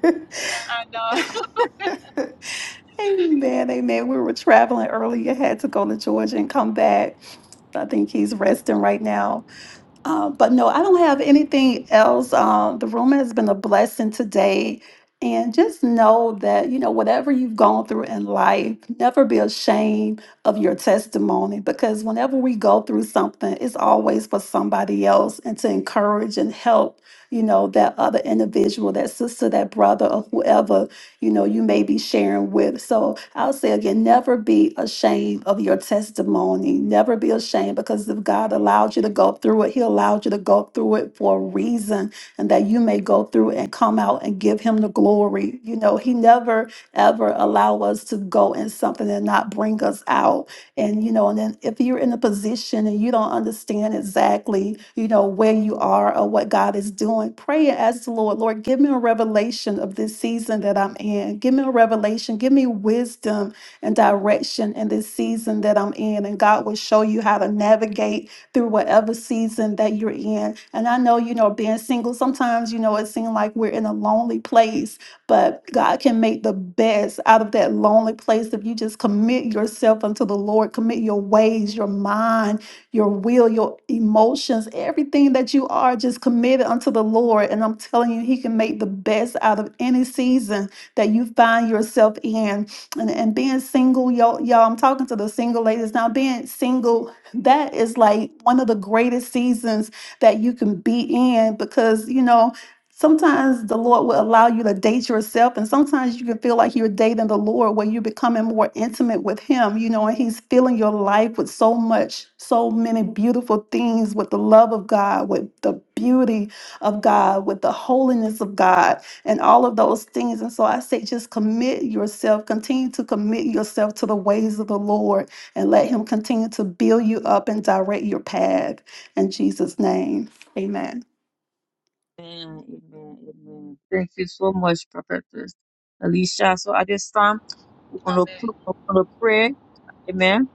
S3: day.
S6: And uh,
S3: Amen, amen. We were traveling earlier, had to go to Georgia and come back. I think he's resting right now. Uh, but no, I don't have anything else. Um, the room has been a blessing today. And just know that, you know, whatever you've gone through in life, never be ashamed of your testimony because whenever we go through something, it's always for somebody else and to encourage and help, you know, that other individual, that sister, that brother, or whoever you know you may be sharing with so i'll say again never be ashamed of your testimony never be ashamed because if god allowed you to go through it he allowed you to go through it for a reason and that you may go through and come out and give him the glory you know he never ever allow us to go in something and not bring us out and, you know, and then if you're in a position and you don't understand exactly, you know, where you are or what God is doing, pray and ask the Lord, Lord, give me a revelation of this season that I'm in. Give me a revelation. Give me wisdom and direction in this season that I'm in. And God will show you how to navigate through whatever season that you're in. And I know, you know, being single, sometimes, you know, it seems like we're in a lonely place but God can make the best out of that lonely place if you just commit yourself unto the Lord, commit your ways, your mind, your will, your emotions, everything that you are, just commit it unto the Lord. And I'm telling you, He can make the best out of any season that you find yourself in. And, and being single, y'all, y'all, I'm talking to the single ladies now. Being single, that is like one of the greatest seasons that you can be in because, you know, Sometimes the Lord will allow you to date yourself, and sometimes you can feel like you're dating the Lord where you're becoming more intimate with Him, you know, and He's filling your life with so much, so many beautiful things with the love of God, with the beauty of God, with the holiness of God, and all of those things. And so I say, just commit yourself, continue to commit yourself to the ways of the Lord, and let Him continue to build you up and direct your path. In Jesus' name, amen.
S1: Amen, amen, amen. Thank you so much, Prophetess Alicia. So at this time, we're going
S6: Amen.
S1: to we're going to pray. Amen.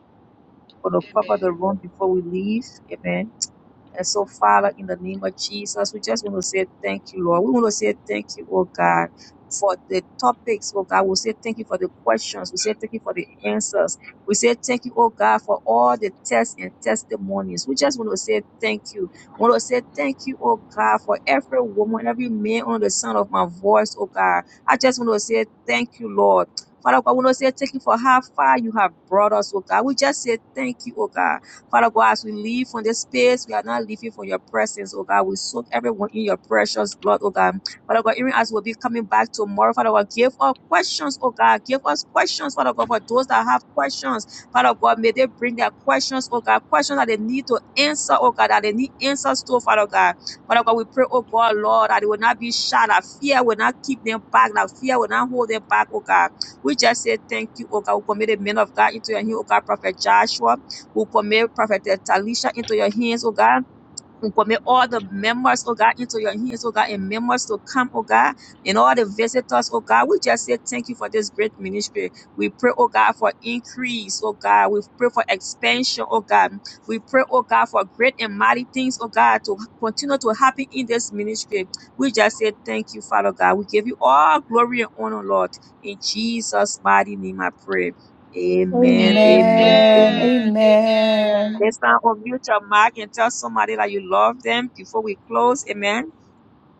S1: We're going to cover
S6: Amen.
S1: the room before we leave. Amen. And so, Father, in the name of Jesus, we just want to say thank you, Lord. We want to say thank you, oh God, for the topics, oh God. We say thank you for the questions. We say thank you for the answers. We say thank you, oh God, for all the tests and testimonies. We just want to say thank you. We want to say thank you, oh God, for every woman, every man on the sound of my voice, oh God. I just want to say thank you, Lord. Father God, we want to say thank you for how far you have brought us, oh God. We just say thank you, oh God. Father God, as we leave from this space, we are not leaving from your presence, oh God. We soak everyone in your precious blood, oh God. Father God, even as we'll be coming back tomorrow, Father God, give us questions, oh God. Give us questions, Father God, for those that have questions. Father God, may they bring their questions, oh God, questions that they need to answer, oh God, that they need answers to, Father God. Father God, we pray, oh God, Lord, that they will not be shy, that fear will not keep them back, that fear will not hold them back, oh God. We just say thank you, oh God. We commit the men of God into your hand, oh God, Prophet Joshua. We commit Prophet Talisha into your hands, oh God. We commit all the members, oh God, into your hands, oh God, and members to come, oh God, and all the visitors, oh God. We just say thank you for this great ministry. We pray, oh God, for increase, oh God. We pray for expansion, oh God. We pray, oh God, for great and mighty things, oh God, to continue to happen in this ministry. We just say thank you, Father God. We give you all glory and honor, Lord. In Jesus' mighty name I pray. Amen. Amen.
S3: Amen.
S1: Amen.
S6: Amen. Amen.
S3: Amen.
S1: Let's now unmute your mic and tell somebody that you love them before we close. Amen.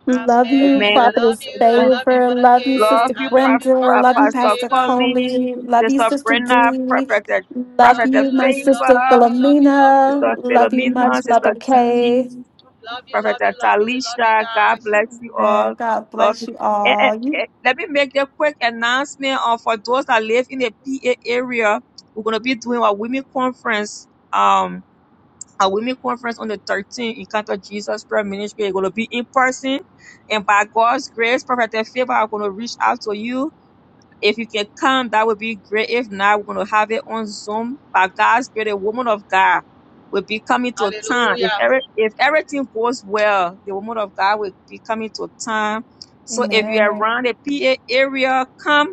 S3: Love you,
S6: Amen.
S1: Amen.
S6: I love
S3: Prophetess
S6: you. I
S1: Amen.
S6: love you,
S3: Favor.
S6: Mother
S3: Love you,
S6: Kay.
S1: Love
S3: Sister
S1: you,
S6: I love
S1: Pa-
S6: you,
S3: Brenda.
S1: Pa-
S3: Love you,
S6: Prophetess
S1: Pastor
S3: Pastor
S6: Favor.
S1: Colleen,
S3: Coley. Love you,
S1: Sister
S3: Sister
S1: Brenna,
S3: Dee.
S1: Prophet,
S3: Love
S6: Love
S1: Prophet
S6: you,
S3: you,
S6: love
S3: my
S6: you, love you,
S3: sister
S1: Favor,
S6: love you, love you, love you.
S3: Philomena.
S1: Sister
S3: Love you much,
S1: Philomena,
S3: Mother
S1: Sister
S3: Kay.
S1: Dean,
S6: Love you,
S1: Prophet
S6: love you, love you, love you
S1: Talisha. God
S6: guys.
S1: bless you
S3: Amen.
S1: all.
S3: God
S1: Love you.
S3: bless you
S1: Eh, eh,
S3: all.
S1: eh,
S3: You-
S1: Let me make a quick announcement uh, for those that live in the PA area. We're going to be doing a women conference. Um, Our women conference on the 13th, Encounter Jesus Prayer Ministry. It's going to be in person. And by God's grace, Prophet Favor, I'm going to reach out to you. If you can come, that would be great. If not, we're going to have it on Zoom. By God's grace, a woman of God will be coming to town. If,
S6: Hallelujah.
S1: every, if everything goes well, the woman of God will be coming to town. So if you're
S3: Amen.
S1: around the PA area, come.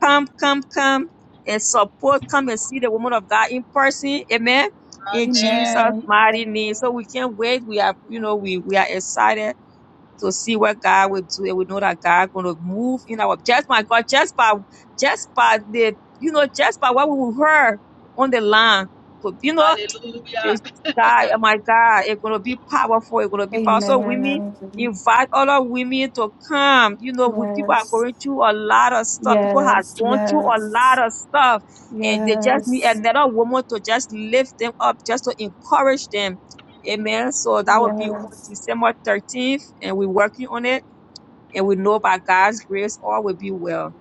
S1: Come, come, come and support. Come and see the woman of God in person. Amen. In Jesus'
S6: Amen.
S3: Amen.
S1: mighty name. So we can't wait. We are, you know, we we are excited to see what God will do. And we know that God gonna move in our just my God, just by just by the you know, just by what we heard on the line. But you know.
S6: Hallelujah.
S1: This guy, oh my God, it's gonna be powerful. It's gonna be powerful. So
S3: Amen.
S1: women,
S3: Amen.
S1: invite all our women to come. You know, we, people are
S3: Yes.
S1: going through a lot of stuff. People have
S3: Yes.
S1: gone through a lot
S3: Yes.
S1: of stuff, and they just need
S3: Yes.
S1: another woman to just lift them up, just to encourage them. Amen. So that will be on
S3: Yes.
S1: December 13th, and we're working on it. And we know by God's grace, all will be well.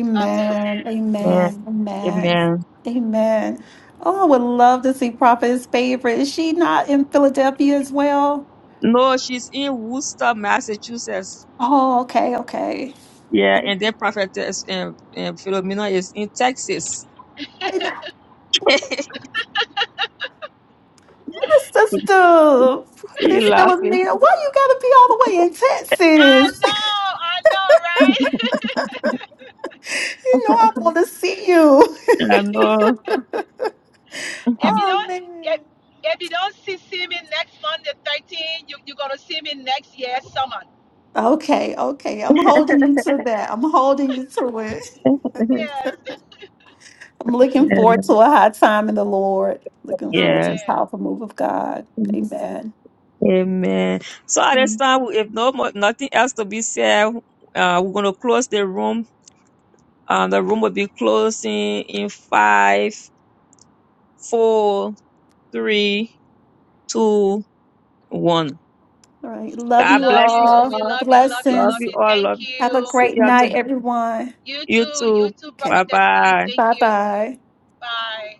S6: Amen.
S1: Amen.
S3: Amen. Amen.
S1: Amen.
S3: Amen. Oh, I would love to see Prophet's favorite. Is she not in Philadelphia as well?
S1: No, she's in Worcester, Massachusetts.
S3: Oh, okay, okay.
S1: Yeah, and that prophetess and, and Philomena is in Texas.
S3: And my sister,
S1: you
S3: Prophetess
S1: laughing.
S3: Philomena, why you gotta be all the way in
S6: I
S3: Texas?
S6: know, I know, right?
S3: you know I want to see you.
S1: I know.
S6: if you
S3: Oh
S6: don't if,
S3: man.
S6: if you don't see, see me next Monday 13, you, you're gonna see me next year summer.
S3: Okay, okay. I'm holding you to that. I'm holding you to it.
S6: Yes.
S3: I'm looking forward to a high time in the Lord. Looking forward to a
S1: yes.
S6: Amen.
S3: powerful move of God. Amen.
S1: Amen. So at this
S3: Amen.
S1: time, if no more, nothing else to be said, uh, we're gonna close the room. Um, the room will be closing in five, four, three, two, one.
S3: All right. Love
S6: We
S1: God
S3: you
S6: love
S1: bless
S6: you.
S1: you
S3: all.
S6: We
S1: all.
S6: love you, love you,
S1: Love
S6: love
S3: Blessings.
S1: you
S6: you.
S1: all. Love.
S6: Thank
S3: Have a
S6: you.
S1: See
S3: great
S1: you on
S3: night, everyone.
S6: You too, you
S1: YouTube.
S6: too,
S3: Okay.
S1: Bye
S6: Prophet Steve.
S1: bye.
S6: Thank
S3: Bye
S6: you.
S3: bye.
S6: Bye.